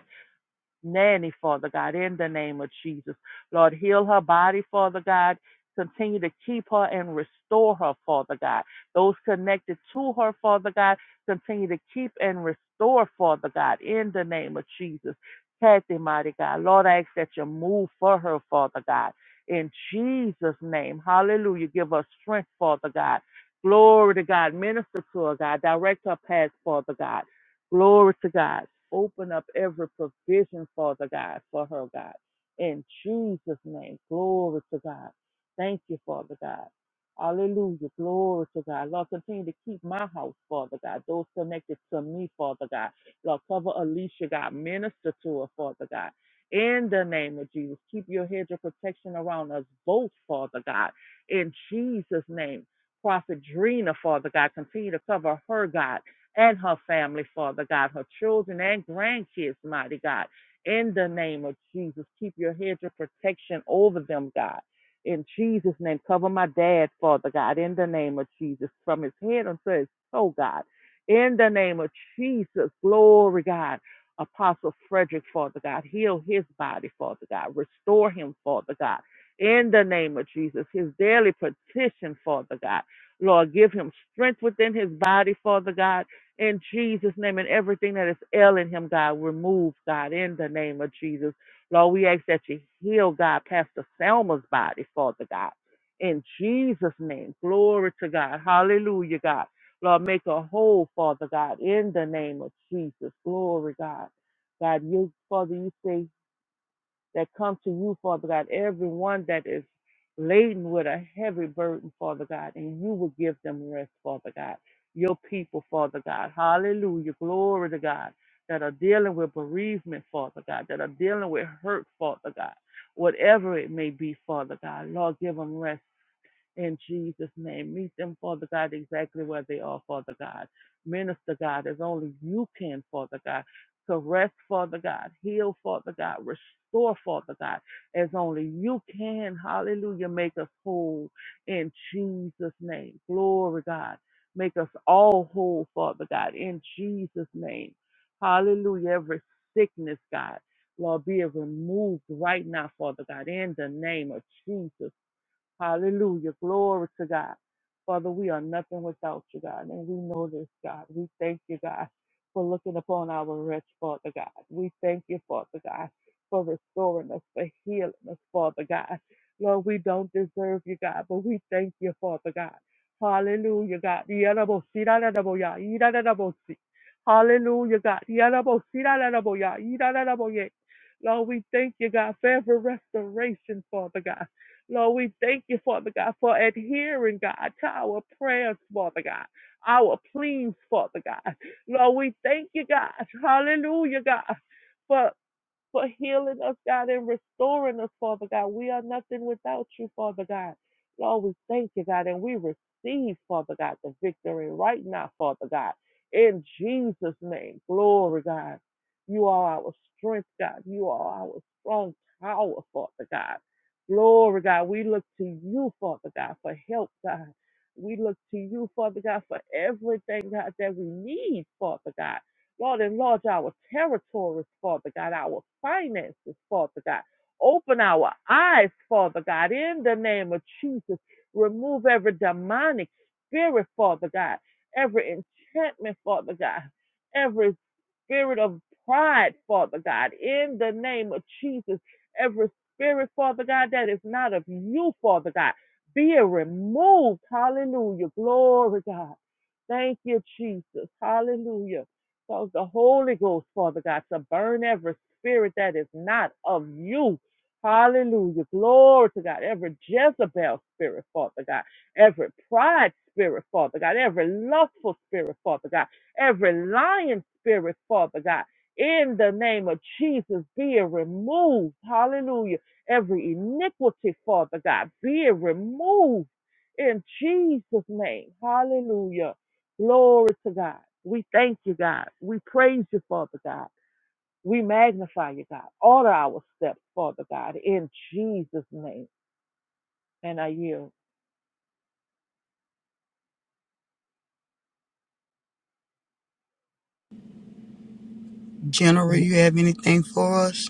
B: nanny, Father God, in the name of Jesus. Lord, heal her body, Father God. Continue to keep her and restore her, Father God. Those connected to her, Father God, continue to keep and restore, Father God, in the name of Jesus. Kathy, mighty God. Lord, I ask that you move for her, Father God. In Jesus' name, hallelujah. Give us strength, Father God. Glory to God. Minister to her, God. Direct her path, Father God. Glory to God. Open up every provision, Father God, for her, God. In Jesus' name, glory to God. Thank you, Father God. Hallelujah. Glory to God. Lord, continue to keep my house, Father God. Those connected to me, Father God. Lord, cover Alicia, God. Minister to her, Father God. In the name of Jesus, keep your hedge of protection around us both, Father God. In Jesus' name. Prophet Drina, Father God, continue to cover her, God and her family, Father God, her children and grandkids, mighty God. In the name of Jesus, keep your hedge of protection over them, God. In Jesus' name, cover my dad, Father God, in the name of Jesus, from his head until his toe, God. In the name of Jesus, glory, God. Apostle Frederick, Father God, heal his body, Father God. Restore him, Father God. In the name of Jesus, his daily petition, Father God. Lord, give him strength within his body, Father God in Jesus' name. And everything that is ailing him, God, remove, God, in the name of Jesus. Lord, we ask that you heal, God, Pastor Selma's body, Father God. In Jesus' name, glory to God. Hallelujah, God. Lord, make her whole, Father God, in the name of Jesus. Glory, God. God, you, Father, you say that come to you, Father God, everyone that is laden with a heavy burden, Father God, and you will give them rest, Father God. Your people, Father God. Hallelujah. Glory to God. That are dealing with bereavement, Father God, that are dealing with hurt, Father God. Whatever it may be, Father God. Lord, give them rest, in Jesus' name. Meet them, Father God, exactly where they are, Father God. Minister, God, as only you can, Father God. Caress, Father God. Heal, Father God. Restore, Father God, as only you can. Hallelujah. Make us whole in Jesus' name. Glory, God. Make us all whole, Father God, in Jesus' name. Hallelujah. Every sickness, God, Lord, be it removed right now, Father God, in the name of Jesus. Hallelujah. Glory to God. Father, we are nothing without you, God. And we know this, God. We thank you, God, for looking upon our wretch, Father God. We thank you, Father God, for restoring us, for healing us, Father God. Lord, we don't deserve you, God, but we thank you, Father God. Hallelujah, God. Yarabosi, rararaboya, irararabosi. Hallelujah, God. Yarabosi, rararaboya, irararaboye. Lord, we thank you, God, for every restoration, Father God. Lord, we thank you, Father God, for adhering, God, to our prayers, Father God, our pleas, Father God. Lord, we thank you, God. Hallelujah, God. For for healing us, God, and restoring us, Father God. We are nothing without you, Father God. Lord, we thank you, God, and we receive, Father God, the victory right now, Father God. In Jesus' name, glory, God. You are our strength, God. You are our strong power, Father God. Glory, God. We look to you, Father God, for help, God. We look to you, Father God, for everything, God, that we need, Father God. Lord, enlarge our territories, Father God, our finances, Father God. Open our eyes, Father God, in the name of Jesus. Remove every demonic spirit, Father God, every enchantment, Father God, every spirit of pride, Father God, in the name of Jesus. Every spirit, Father God, that is not of you, Father God, be removed. Hallelujah. Glory, God. Thank you, Jesus. Hallelujah. Cause the Holy Ghost, Father God, to burn every spirit that is not of you. Hallelujah. Glory to God. Every Jezebel spirit, Father God. Every pride spirit, Father God. Every lustful spirit, Father God. Every lying spirit, Father God. In the name of Jesus, be it removed. Hallelujah. Every iniquity, Father God, be it removed in Jesus' name. Hallelujah. Glory to God. We thank you, God. We praise you, Father God. We magnify you, God. Order our steps, Father God, in Jesus' name. And I yield.
D: General, you have anything for us?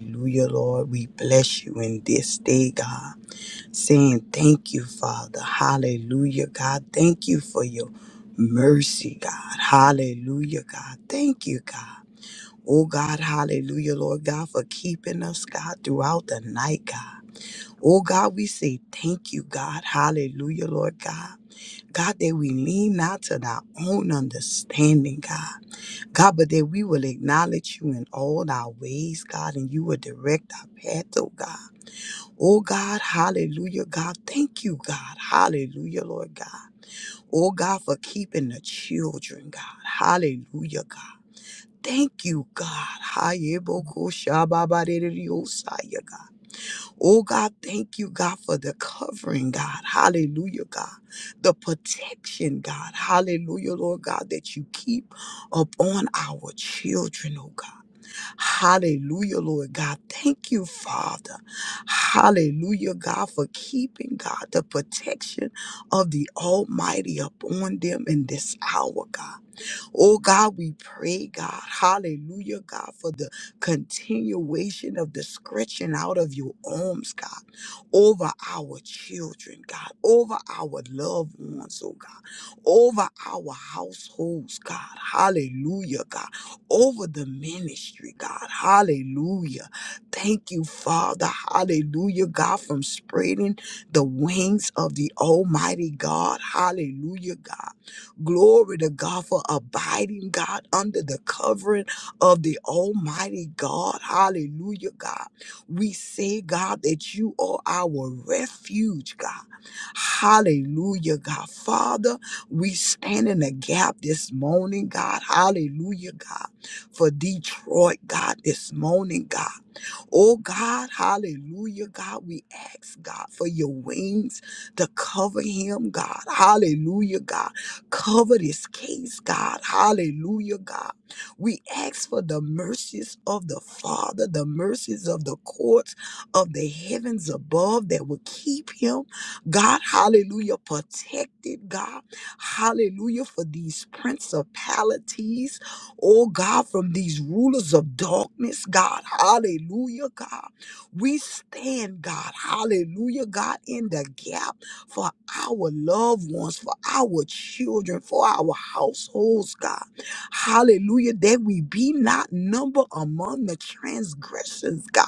D: Hallelujah, Lord. We bless you in this day, God. Saying thank you, Father. Hallelujah, God. Thank you for your mercy, God. Hallelujah, God. Thank you, God. Oh, God. Hallelujah, Lord God, for keeping us, God, throughout the night, God. Oh, God, we say thank you, God. Hallelujah, Lord God. God, that we lean not to our own understanding, God. God, but that we will acknowledge you in all our ways, God, and you will direct our path, oh God. Oh God, hallelujah, God. Thank you, God. Hallelujah, Lord God. Oh God, for keeping the children, God. Hallelujah, God. Thank you, God. Hayebokoshababadereyosaya, God. Oh God, thank you, God, for the covering, God. Hallelujah, God. The protection, God. Hallelujah, Lord God, that you keep upon our children, oh God. Hallelujah, Lord God. Thank you, Father. Hallelujah, God, for keeping God the protection of the Almighty upon them in this hour, God. Oh God, we pray, God, hallelujah, God, for the continuation of the stretching out of your arms, God, over our children, God, over our loved ones, oh God, over our households, God, hallelujah, God, over the ministry, God, hallelujah. Thank you, Father, hallelujah, God, from spreading the wings of the Almighty God, hallelujah, God Glory to God for abiding, God, under the covering of the Almighty God. Hallelujah, God. We say, God, that you are our refuge, God. Hallelujah, God. Father, we stand in the gap this morning, God. Hallelujah, God. For Detroit, God, this morning, God. Oh God, hallelujah, God, we ask God for your wings to cover him, God. Hallelujah, God. Cover this case, God. Hallelujah, God. We ask for the mercies of the Father, the mercies of the courts of the heavens above that will keep him, God. Hallelujah, protected, God. Hallelujah, for these principalities oh God, from these rulers of darkness, God. Hallelujah, God. We stand, God. Hallelujah, God, in the gap for our loved ones, for our children, for our households, God. Hallelujah, that we be not numbered among the transgressions, God.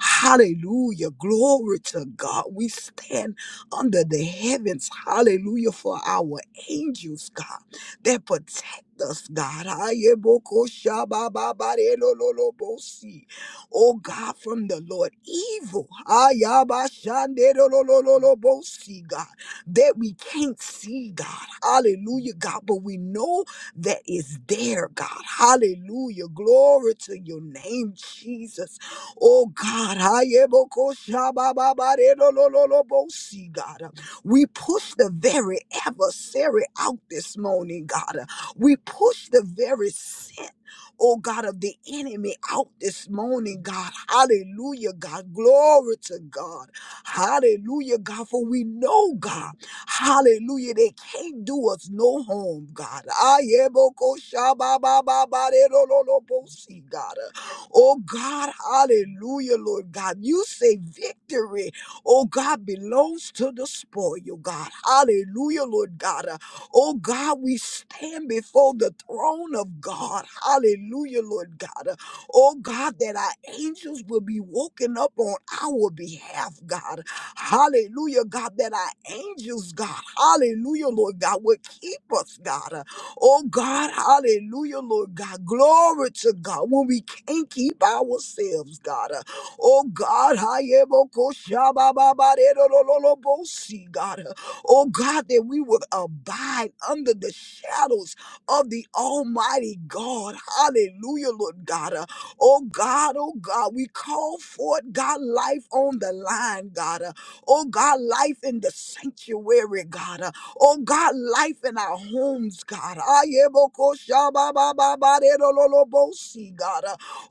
D: Hallelujah, glory to God. We stand under the heavens, hallelujah, for our angels, God, that protect us, God. Ayeboko shabababare lo lo lo Ayebokoshabababarelololobosi. Oh God, from the Lord, evil. ayabashande, lo lo lo lo, Ayabashandelolololobosi, God, that we can't see, God. Hallelujah, God. But we know that is there, God. Hallelujah. Glory to your name, Jesus. Oh God. ayeboko shabababare lo lo lo lo, Ayebokoshabababarelololobosi, God. We push the very adversary out this morning, God. We push the very sin, O God of the enemy, out this morning. God, hallelujah! God, glory to God! Hallelujah! God, for we know God. Hallelujah! They can't do us no harm, God. Iyabo ko shaba ba ba ba, de lo lo lo posi, God. Oh God, hallelujah, Lord God, you say victory. Oh God, belongs to the spoil, God. Hallelujah, Lord God. Oh God, we stand before the throne of God. Hallelujah, Lord God. Oh God, that our angels will be woken up on our behalf, God. Hallelujah, God, that our angels, God. Hallelujah, Lord God, will keep us, God. Oh God, hallelujah, Lord God. Glory to God when we can't keep ourselves, God. Oh God, I am a God. O God, that we would abide under the shadows of the Almighty God. Hallelujah, Lord God. O God, O God, we call for it. God, life on the line, God. O God, life in the sanctuary, God. O God, life in our homes, God. Iyebo ko shaba ba ba ba de ro lo lo bo si, God.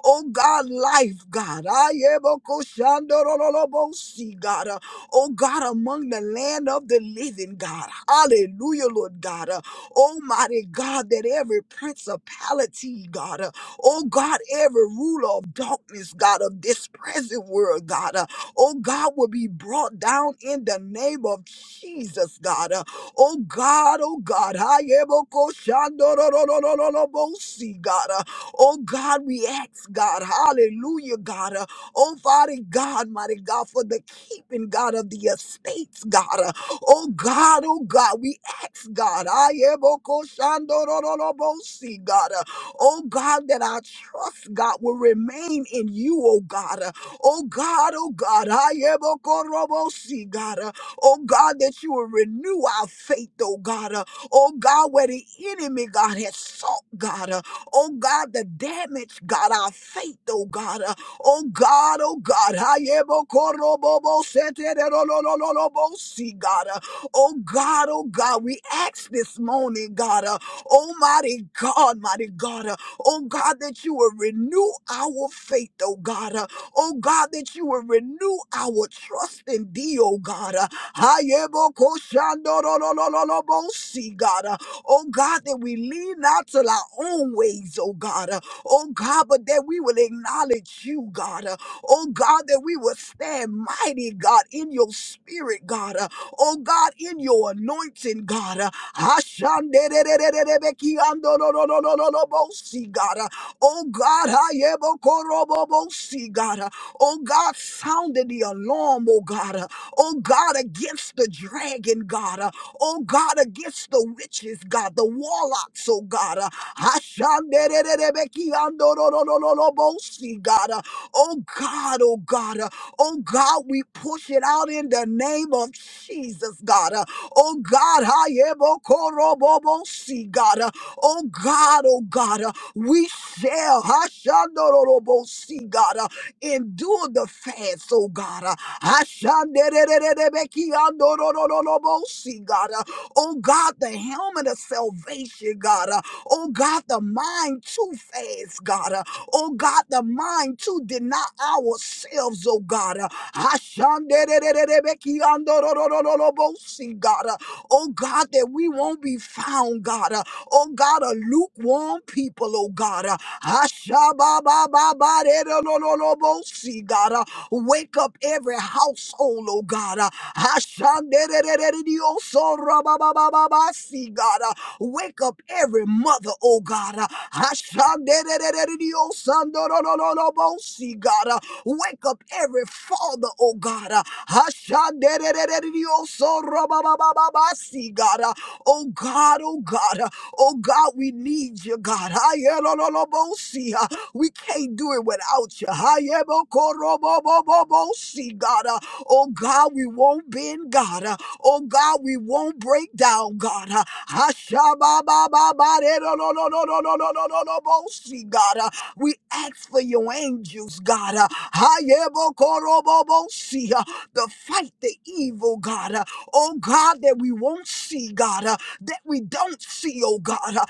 D: O God, life, God. Iyebo ko shando ro lo lo bo si, God oh God, among the land of the living, God. Hallelujah, Lord God. Uh, Almighty God, that every principality, God, uh, oh God, every ruler of darkness, God, of this present world, God, uh, oh God, will be brought down in the name of Jesus, God. Uh, oh God, oh God, I am a koshandororororobosi, God. Uh, oh God, we ask, God, hallelujah, God. Uh, oh Father God, mighty God, for the keeping, God, of the estates, God. Uh, Oh God, oh God, we ask God, I am see God. Uh, Oh God, that our trust, God, will remain in you, oh God. Uh, Oh God, oh God, I am see God. Uh, Oh God, that you will renew our faith, oh God. Uh, Oh God, where the enemy, God, has sought, God. Uh, Oh God, the damage, God, our faith, oh God. Oh God, oh God. Hayebokoroboboseterololololobosi, God. Oh God, oh God. We ask this morning, God. uh, Almighty God, mighty God. uh, Oh God, that you will renew our faith, oh God. uh, Oh God, that you will renew our trust in thee, oh God. uh, Hayebokoshandorolololobosi, God. uh, Oh God, that we lean not to our own ways, oh God oh God, but that we will acknowledge you, God. Uh, oh God, that we will stand mighty, God, in your spirit, God. Uh, oh God, in your anointing, God. Uh, Ashandererererebekiandorororororobosi, God. Uh, oh God, ayebokorobobosi, God. Uh, oh God, sounded the alarm, oh God. Uh, oh God, against the dragon, God. Uh, oh God, against the witches, God, the warlocks, oh God. Uh, Ashanderererebekiandororororobosi, God. Uh, Oh God, oh God, uh, oh God, we push it out in the name of Jesus, God. Uh, Oh God, hayebokorobobosi, God. Uh, Oh God, oh God, uh, we shall hashandorororobosi, God uh, endure the fast, oh God. uh, hashanderererebekiandororororobosi, God. uh, Oh God, the helmet of salvation, God. Oh God, the mind too fast, God. Uh, Oh God, the mind to deny ourselves, oh God. Uh, Ashandererererebekiandororororobosi, God. Uh, Oh God, that we won't be found, God. Uh, Oh God, a lukewarm people, oh God. Uh, Shabba-ba-ba-ba-de-do-lo-lo-lo-bo-si, God. Uh, Wake up every household, oh God. Uh, Ashandererereredio-so-ra-ba-ba-ba-ba-ba-si, God. Uh, Wake up every mother, oh God. Uh, Ashandererereredio-sando-lo-lo-lo-lo-bo-si, God. Uh, Wake up every father, oh God. Uh, Ashandererereredio-so-ra-ba-ba-ba-ba-ba-si, God. Uh, Oh God, oh God. Oh God, we need you, God. Ayelololobosi, uh, We can't do it without you. Ayebokorobobobobosi, God. Uh, Oh God, we won't bend, God. Uh, Oh God, we won't break down, God. Uh, Hashababababarerololololololololobosi, God. Uh, We ask for your angels, God. Uh, Ayebokorobobosi, uh, To fight the evil, God. Uh, Oh God, that we won't see, God. uh, that we don't see, oh God. Uh,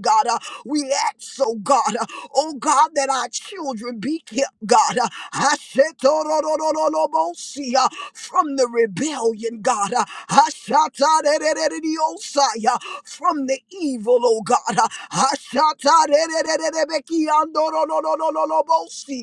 D: God, Uh, we ask, oh God, uh, oh God, that our children be kept, God, uh, uh, from the rebellion, God, uh, uh, from the evil, oh God, uh,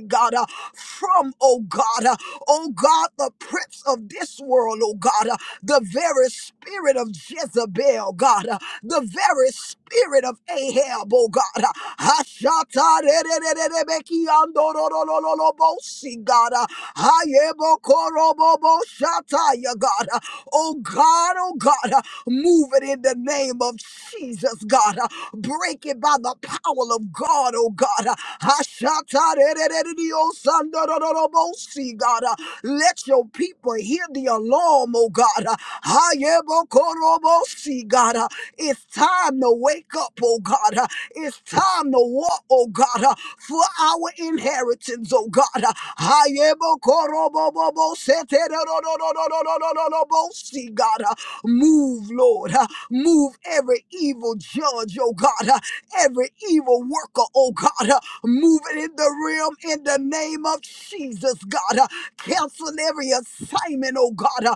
D: God, uh, from, oh God oh God, the prince of this world, oh God, uh, the very spirit of Jezebel, God, uh, the very spirit of Ahab, oh God, uh, Hashatarerererebekiandororororobosi, God, uh, Hayebokorobobo-shataya, God, uh, oh God, oh God, uh, move it in the name of Jesus, God. God. Uh, Break it by the power of God, oh God. Uh, Hashatarererereriosandarorobosi, God. Uh, Let your people hear the alarm, oh God. Uh, Hayebokorobosi, God. Uh, It's time to wake up, oh God. Uh, It's time to walk, oh God, uh, for our inheritance, oh God. Uh, Hayebokorobobobosetererororororororobosi, God. Uh, Move, Lord. uh, Move every evil judge, oh God. uh, Every evil worker, oh God. uh, Move it in the realm in the name of Jesus, God. uh, Cancel every assignment, oh God, uh,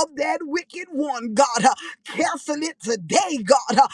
D: of that wicked one, God. uh, Cancel it today, God. uh,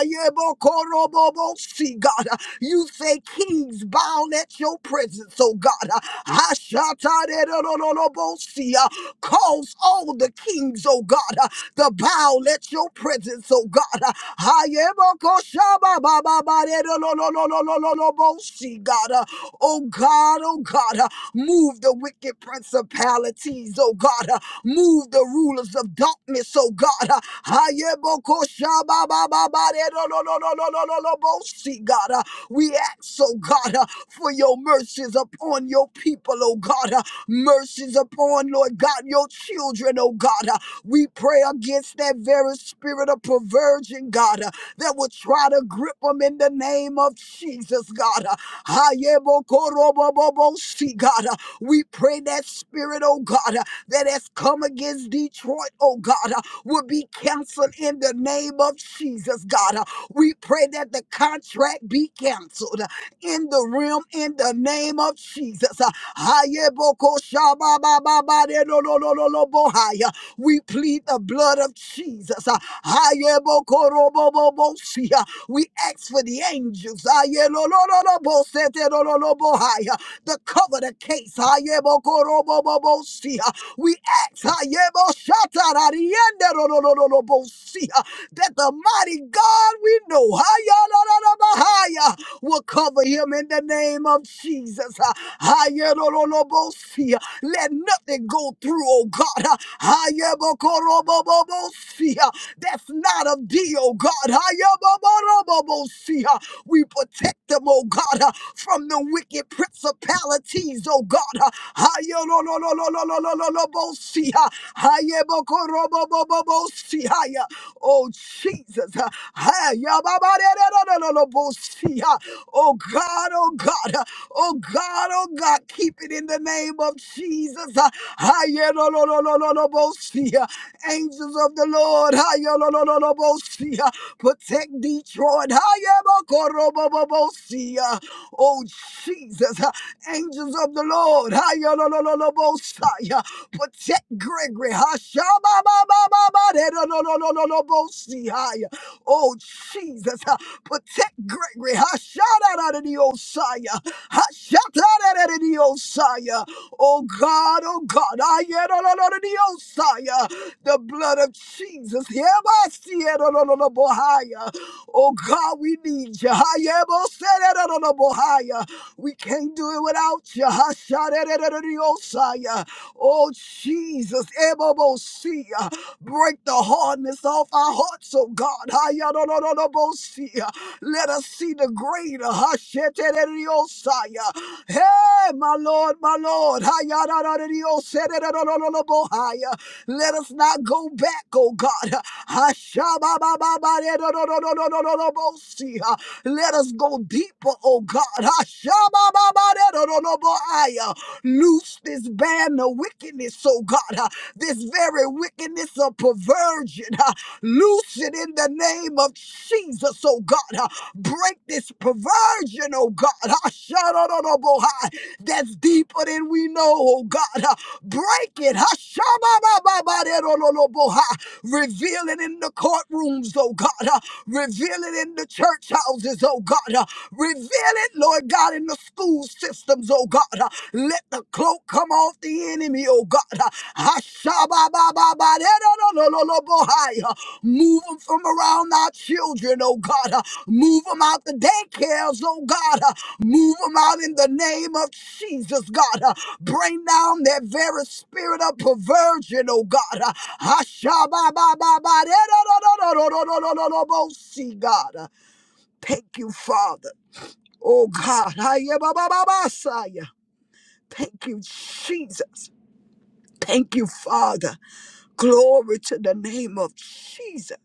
D: Ayebokorobobosi, God. uh, You say kings bound at your presence, oh God. uh, Ashatarerorororobosi, uh, Cause all the kings, oh God. uh, the bow. Let your presence, oh God, uh, Hayebokoshababababaredololololololobosi, God, uh, oh God, oh God, uh, move the wicked principalities, oh God, uh, move the rulers of darkness, oh God, uh, Hayebokoshababababaredololololololobosi, God, uh, we ask, oh God, uh, for your mercies upon your people, oh God, uh, mercies upon, Lord God, your children, oh God. uh, we pray against that very spirit of perversion, God, uh, that would try to grip them in the name of Jesus, God. Uh, Hayebokorobobobosi, God, uh, we pray that spirit, oh God, uh, that has come against Detroit, oh God, uh, will be canceled in the name of Jesus, God. Uh, We pray that the contract be canceled uh, in the realm in the name of Jesus. Uh, Hayebokoshababababadedolololobohaya. We plead the blood of Jesus. Uh, Ayebokorobobobosi, uh, We ask for the angels. Ayelolololobosetelololobohai, uh, To cover the case. Ayebokorobobobosi, uh, We ask Ayeboshatararienderolololobosi, uh, that the mighty God we know Ayolololobahai, uh, will cover him in the name of Jesus. Uh, Ayelololobosi, uh, Let nothing go through, oh God. Ah, Hayebokorobobobosia. That's not of thee, oh God. Hayeboborobobosia. We protect them, oh God, uh, from the wicked principalities, oh God. uh, Hayolololololololololobosia. Hayebokorobobobobosia. Oh Jesus. uh, Hayababarerolololobosia. Oh God, oh God. uh, Oh God, oh God, keep it in the name of Jesus. Ah, ah, yeah, no, no, no, no, no, no, bo- see, ah. Angels of the Lord, ah, yeah, no, no, no, no, bo- see, ah. protect Detroit. ah, yeah, bo- ko- ro- bo- bo- bo- see, ah. Oh Jesus, ah. angels of the Lord, ah, yeah, no, no, no, no, bo- see, ah. protect Gregory. ah, sha- ba- ba- ba- ba- ba- de- no, no, no, no, no, no, bo- see, ah. yeah. Oh Jesus, ah. Protect Gregory. Hashataradiosaya. Hashataradiosaya. Oh God, oh God. Ayerololoradiosaya. The blood of Jesus. Hebasierololobohaya. Oh God, we need you. Hayeboserololobohaya. We can't do it without you. Hashataradiosaya. Oh Jesus, Ebobosia. break the hardness off our hearts, oh God. Hayadololobosia. Let us see the greater. Hashetereriosaya. Hey, my Lord, my Lord. Hayarararariosererorororobohaya. Let us not go back, oh God. Hashababababarerororororororobosiha. Let us go deeper, oh God. Hashabababarerorororobohaya. Loose this band of wickedness, oh God. This very wickedness of perversion. Loose it in the name of Jesus, oh God. Break this perversion, oh God. Hashanah That's deeper than we know, oh God. Break it. Hashanah Reveal it in the courtrooms, oh God. Reveal it in the church houses, oh God. Reveal it, Lord God, in the school systems, oh God. Let the cloak come off the enemy, oh God. Hashababababaderolololobohai. Move them from around our children, oh God. Move them out the daycares, oh God. Move them out in the name of Jesus, God. Bring down that very spirit of perversion, oh God. Hashababababaderololololololobosi, God. Thank you, Father. Oh God, Thank you, Jesus. Thank you, Father. Glory to the name of Jesus.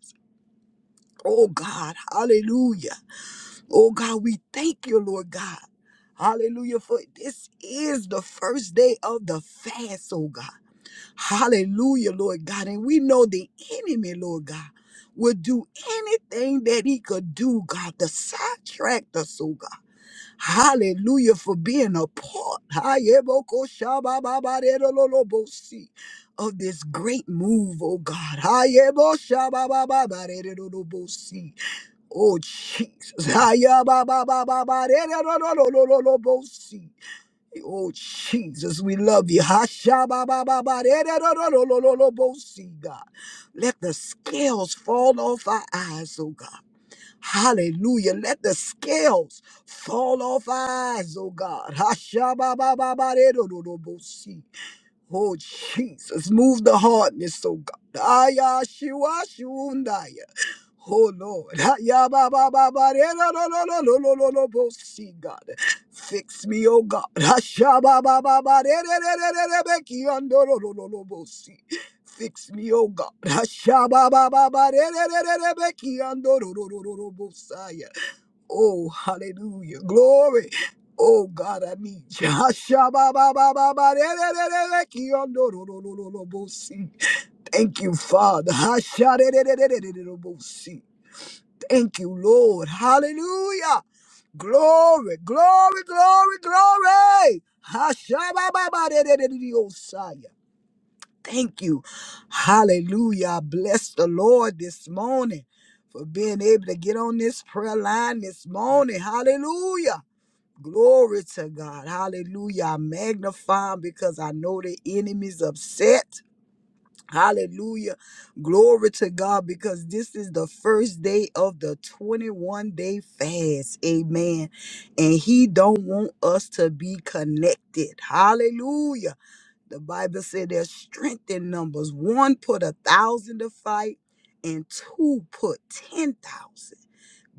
D: Oh God, hallelujah. Oh God, we thank you, Lord God. Hallelujah. For this is the first day of the fast, oh God. Hallelujah, Lord God. And we know the enemy, Lord God, will do anything that he could do, God, to sidetrack us, oh God. Hallelujah for being a part Hayebokoshabababaredololobosi, of this great move, oh God. Hayeboshababababaredololobosi. Oh Jesus. Hayabababababaredololololobosi. Oh Jesus, we love you. Hashababababaredololololobosi, God. Let the scales fall off our eyes, oh God. Hallelujah. Let the scales fall off our eyes, oh God. Hashababababaredododobosi. Oh Jesus, move the hardness, oh God. Ayashiwashiwundaya. Oh Lord, Ya ba ba ba ba re no no no no no no no no bo- see God, fix me, oh God, Hasha ba ba ba ba re re re re re re be ki an do no no no no bo- see, fix me, oh God, Hasha ba ba ba ba re re re re re be ki an do no no no no no bo- saya. Oh hallelujah, glory. Oh God, I need you. Hasha ba ba ba ba ba re re re re re ki an do no no no no no bo- see. Thank you, Father. Hasha re re re re re re Thank you, Lord. Hallelujah. Glory, glory, glory, glory. Hashabababadedededeosaya. Thank you. Hallelujah. I Bless the Lord this morning for being able to get on this prayer line this morning. Hallelujah. Glory to God. Hallelujah. I magnify him because I know the enemy's upset. Hallelujah. Glory to God because this is the first day of the 21 day fast. Amen. And he don't want us to be connected. Hallelujah. The Bible said there's strength in numbers. One put a thousand to fight and two put 10,000.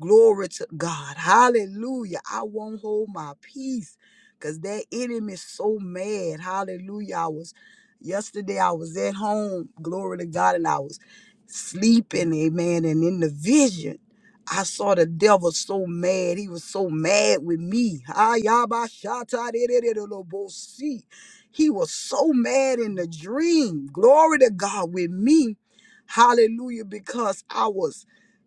D: Glory to God. Hallelujah. I won't hold my peace because that enemy is so mad. Hallelujah. I was yesterday, I was at home. Glory to God. And I was sleeping. Amen. And in the vision, I saw the devil so mad. He was so mad with me. Ayabashatadidididolobosi. He was so mad in the dream. Glory to God with me. Hallelujah. Because I was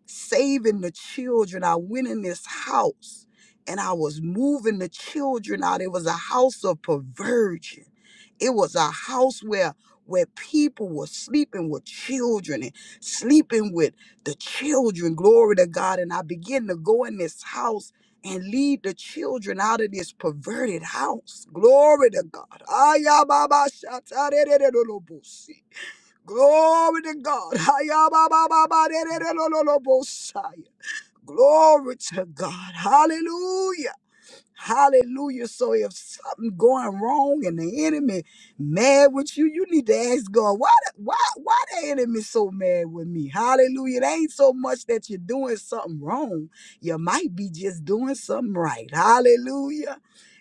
D: saving the children. I went in this house and I was moving the children out. It was a house of perversion. It was a house where where people were sleeping with children and sleeping with the children. Glory to God. And I began to go in this house and lead the children out of this perverted house. Glory to God. Ayababa shatarerererorobosi. Glory to God. Hayababababadededololobosaya. Glory to God. Hallelujah. Hallelujah. So if something going wrong and the enemy mad with you, you need to ask God, why the- why why the enemy so mad with me? Hallelujah. It ain't so much that you're doing something wrong. You might be just doing something right. Hallelujah.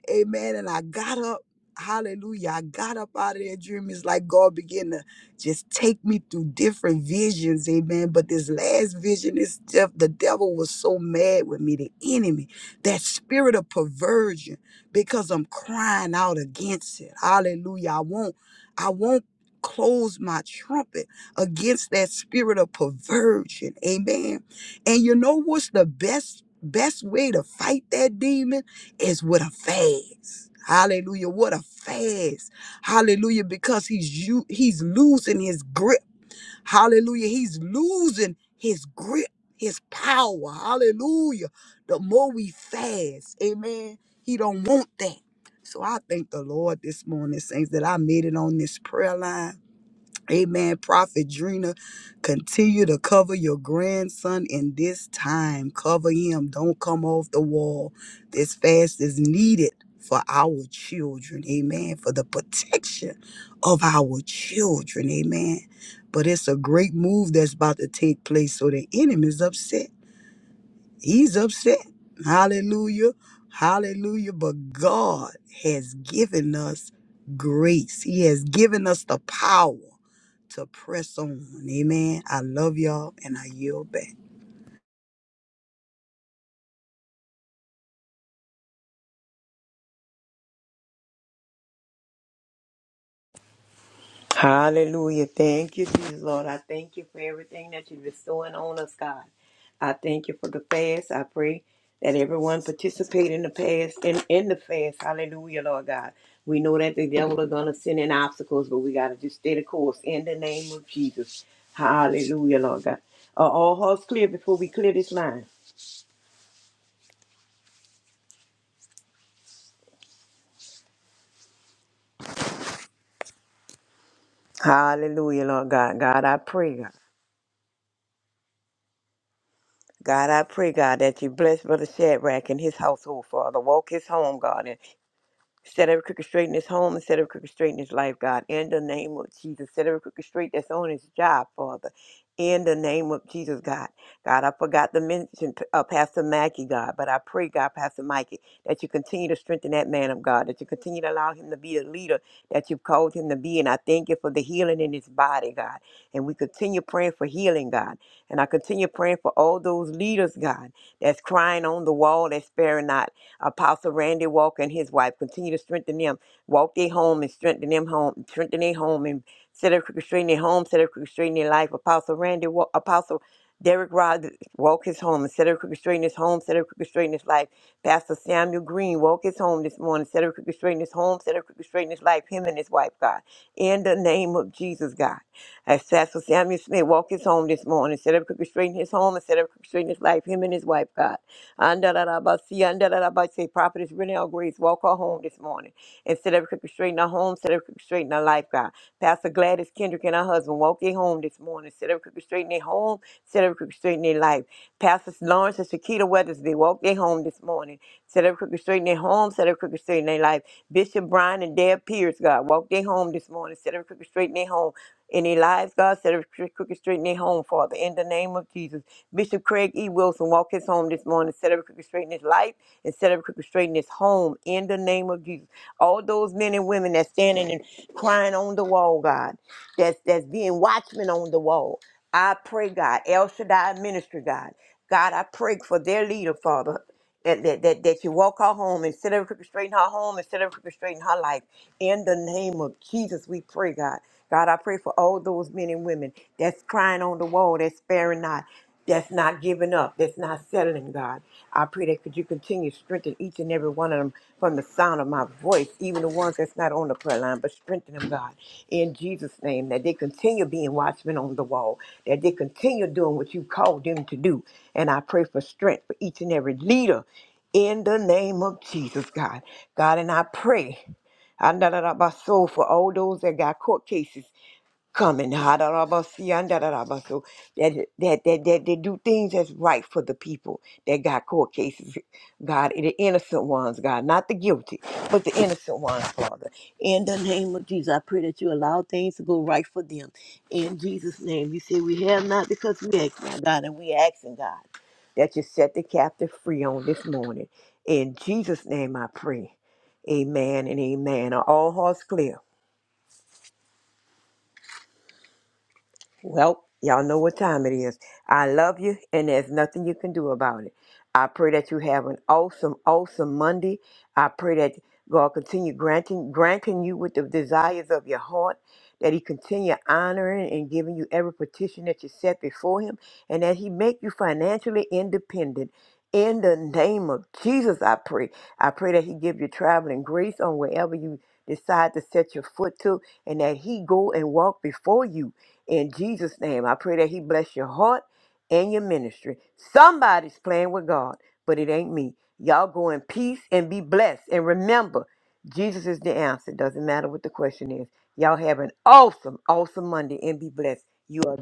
D: Amen. And I got up. Hallelujah. I got up out of that dream. It's like God began to just take me through different visions. Amen. But this last vision, this def- the devil was so mad with me, the enemy that spirit of perversion because I'm crying out against it. Hallelujah. I won't, I won't close my trumpet against that spirit of perversion. Amen. And you know what's the best, best way to fight that demon is with a fast. Hallelujah. What a fast. Hallelujah. Because he's you he's losing his grip Hallelujah. He's losing his grip, his power. Hallelujah. The more we fast, amen. He don't want that. So I thank the Lord this morning, saints, that I made it on this prayer line. Amen. Prophet Drina, continue to cover your grandson in this time. Cover him. Don't come off the wall. This fast is needed for our children. Amen. For the protection of our children. Amen. But it's a great move that's about to take place. So the enemy is upset He's upset. Hallelujah. Hallelujah. But God has given us grace. He has given us the power to press on. Amen. I love y'all and I yield back.
C: Hallelujah. Thank you, Jesus, Lord. I thank you for everything that you're bestowing on us, God. I thank you for the fast. I pray that everyone participate in the fast in, in the fast. Hallelujah, Lord God. We know that the devil is gonna send in obstacles, but we gotta just stay the course in the name of Jesus. Hallelujah, Lord God. Are all hearts clear before we clear this line? Hallelujah, Lord God. God, I pray, God. God, I pray, God, that you bless Brother Shadrach and his household, Father. Walk his home, God, Set every crooked straight in his home and set every crooked straight in his life, God. In the name of Jesus. Set every crooked straight that's on his job, Father. In the name of Jesus, God. God, I forgot to mention uh, Pastor Mackey, God, but I pray, God, Pastor Mikey, that you continue to strengthen that man of God, that you continue to allow him to be the leader that you've called him to be. And I thank you for the healing in his body, God. And we continue praying for healing, God. And I continue praying for all those leaders, God, that's crying on the wall, that's sparing not. Apostle Randy Walker and his wife. Continue to strengthen them. Walk their home and strengthen them home. Strengthen their home and set up crooked straight in their home. Set up crooked straight in their life. Apostle Randy, Wa- Apostle Derek Rod, walk his home and set up crooked straight in his home. Set up crooked straight in his life. Pastor Samuel Green, walk his home this morning. Set up crooked straight in his home. Set up crooked straight in his life. Him and his wife, God. In the name of Jesus, God. As Pastor Samuel Smith walked his home this morning, set up crooked straight in his home and set up crooked straight in his life. Him and his wife, God. Andarabasi, andarabasi. Prophetess Renelle Grace, walk her home this morning. And set every crooked straight in her home, set every crooked straight in her life, God. Pastor Gladys Kendrick and her husband, walk their home this morning. Set every crooked straight in their home, set every crooked straight in their life. Pastor Lawrence and Shakita Weathersby, walk their home this morning. Set every crooked straight in their home, set every crooked straight in their life. Bishop Brian and Deb Pierce, God, walk their home this morning. Set every crooked straight in their home in their lives, God. Set every cro- crooked straight in their home, Father. In the name of Jesus. Bishop Craig E. Wilson, walk his home this morning, set every crooked straight in his life, and set every crooked straight in his home in the name of Jesus. All those men and women that's standing and crying on the wall, God, that's that's being watchmen on the wall. I pray, God, El Shaddai ministry, God. God, I pray for their leader, Father. That, that, that, that you walk her home and set every crooked straight in her home and set every crooked straight in her life. In the name of Jesus, we pray, God. God, I pray for all those men and women that's crying on the wall, that's sparing not that's not giving up, that's not settling, God. I pray that could you continue to strengthen each and every one of them from the sound of my voice, even the ones that's not on the prayer line, but strengthen them, God, in Jesus' name, that they continue being watchmen on the wall, that they continue doing what you called them to do. And I pray for strength for each and every leader in the name of Jesus, God. God, and I pray. I know that about soul for all those that got court cases coming hadarabasia, and dadarabasu, that, that that that they do things that's right for the people that got court cases god the innocent ones god not the guilty but the innocent ones father in the name of jesus i pray that you allow things to go right for them in jesus name you say we have not because we ask not god and we asking god that you set the captive free on this morning in jesus name i pray amen and amen are all hearts clear Well, y'all know what time it is. I love you, and there's nothing you can do about it. I pray that you have an awesome, awesome Monday. I pray that God continue granting granting you with the desires of your heart, that He continue honoring and giving you every petition that you set before Him, and that He make you financially independent. In the name of Jesus, I pray. I pray that He give you traveling grace on wherever you decide to set your foot to, and that He go and walk before you in Jesus' name, I pray that He bless your heart and your ministry. Somebody's playing with God, but it ain't me. Y'all go in peace and be blessed. And remember, Jesus is the answer. Doesn't matter what the question is. Y'all have an awesome, awesome Monday and be blessed. You are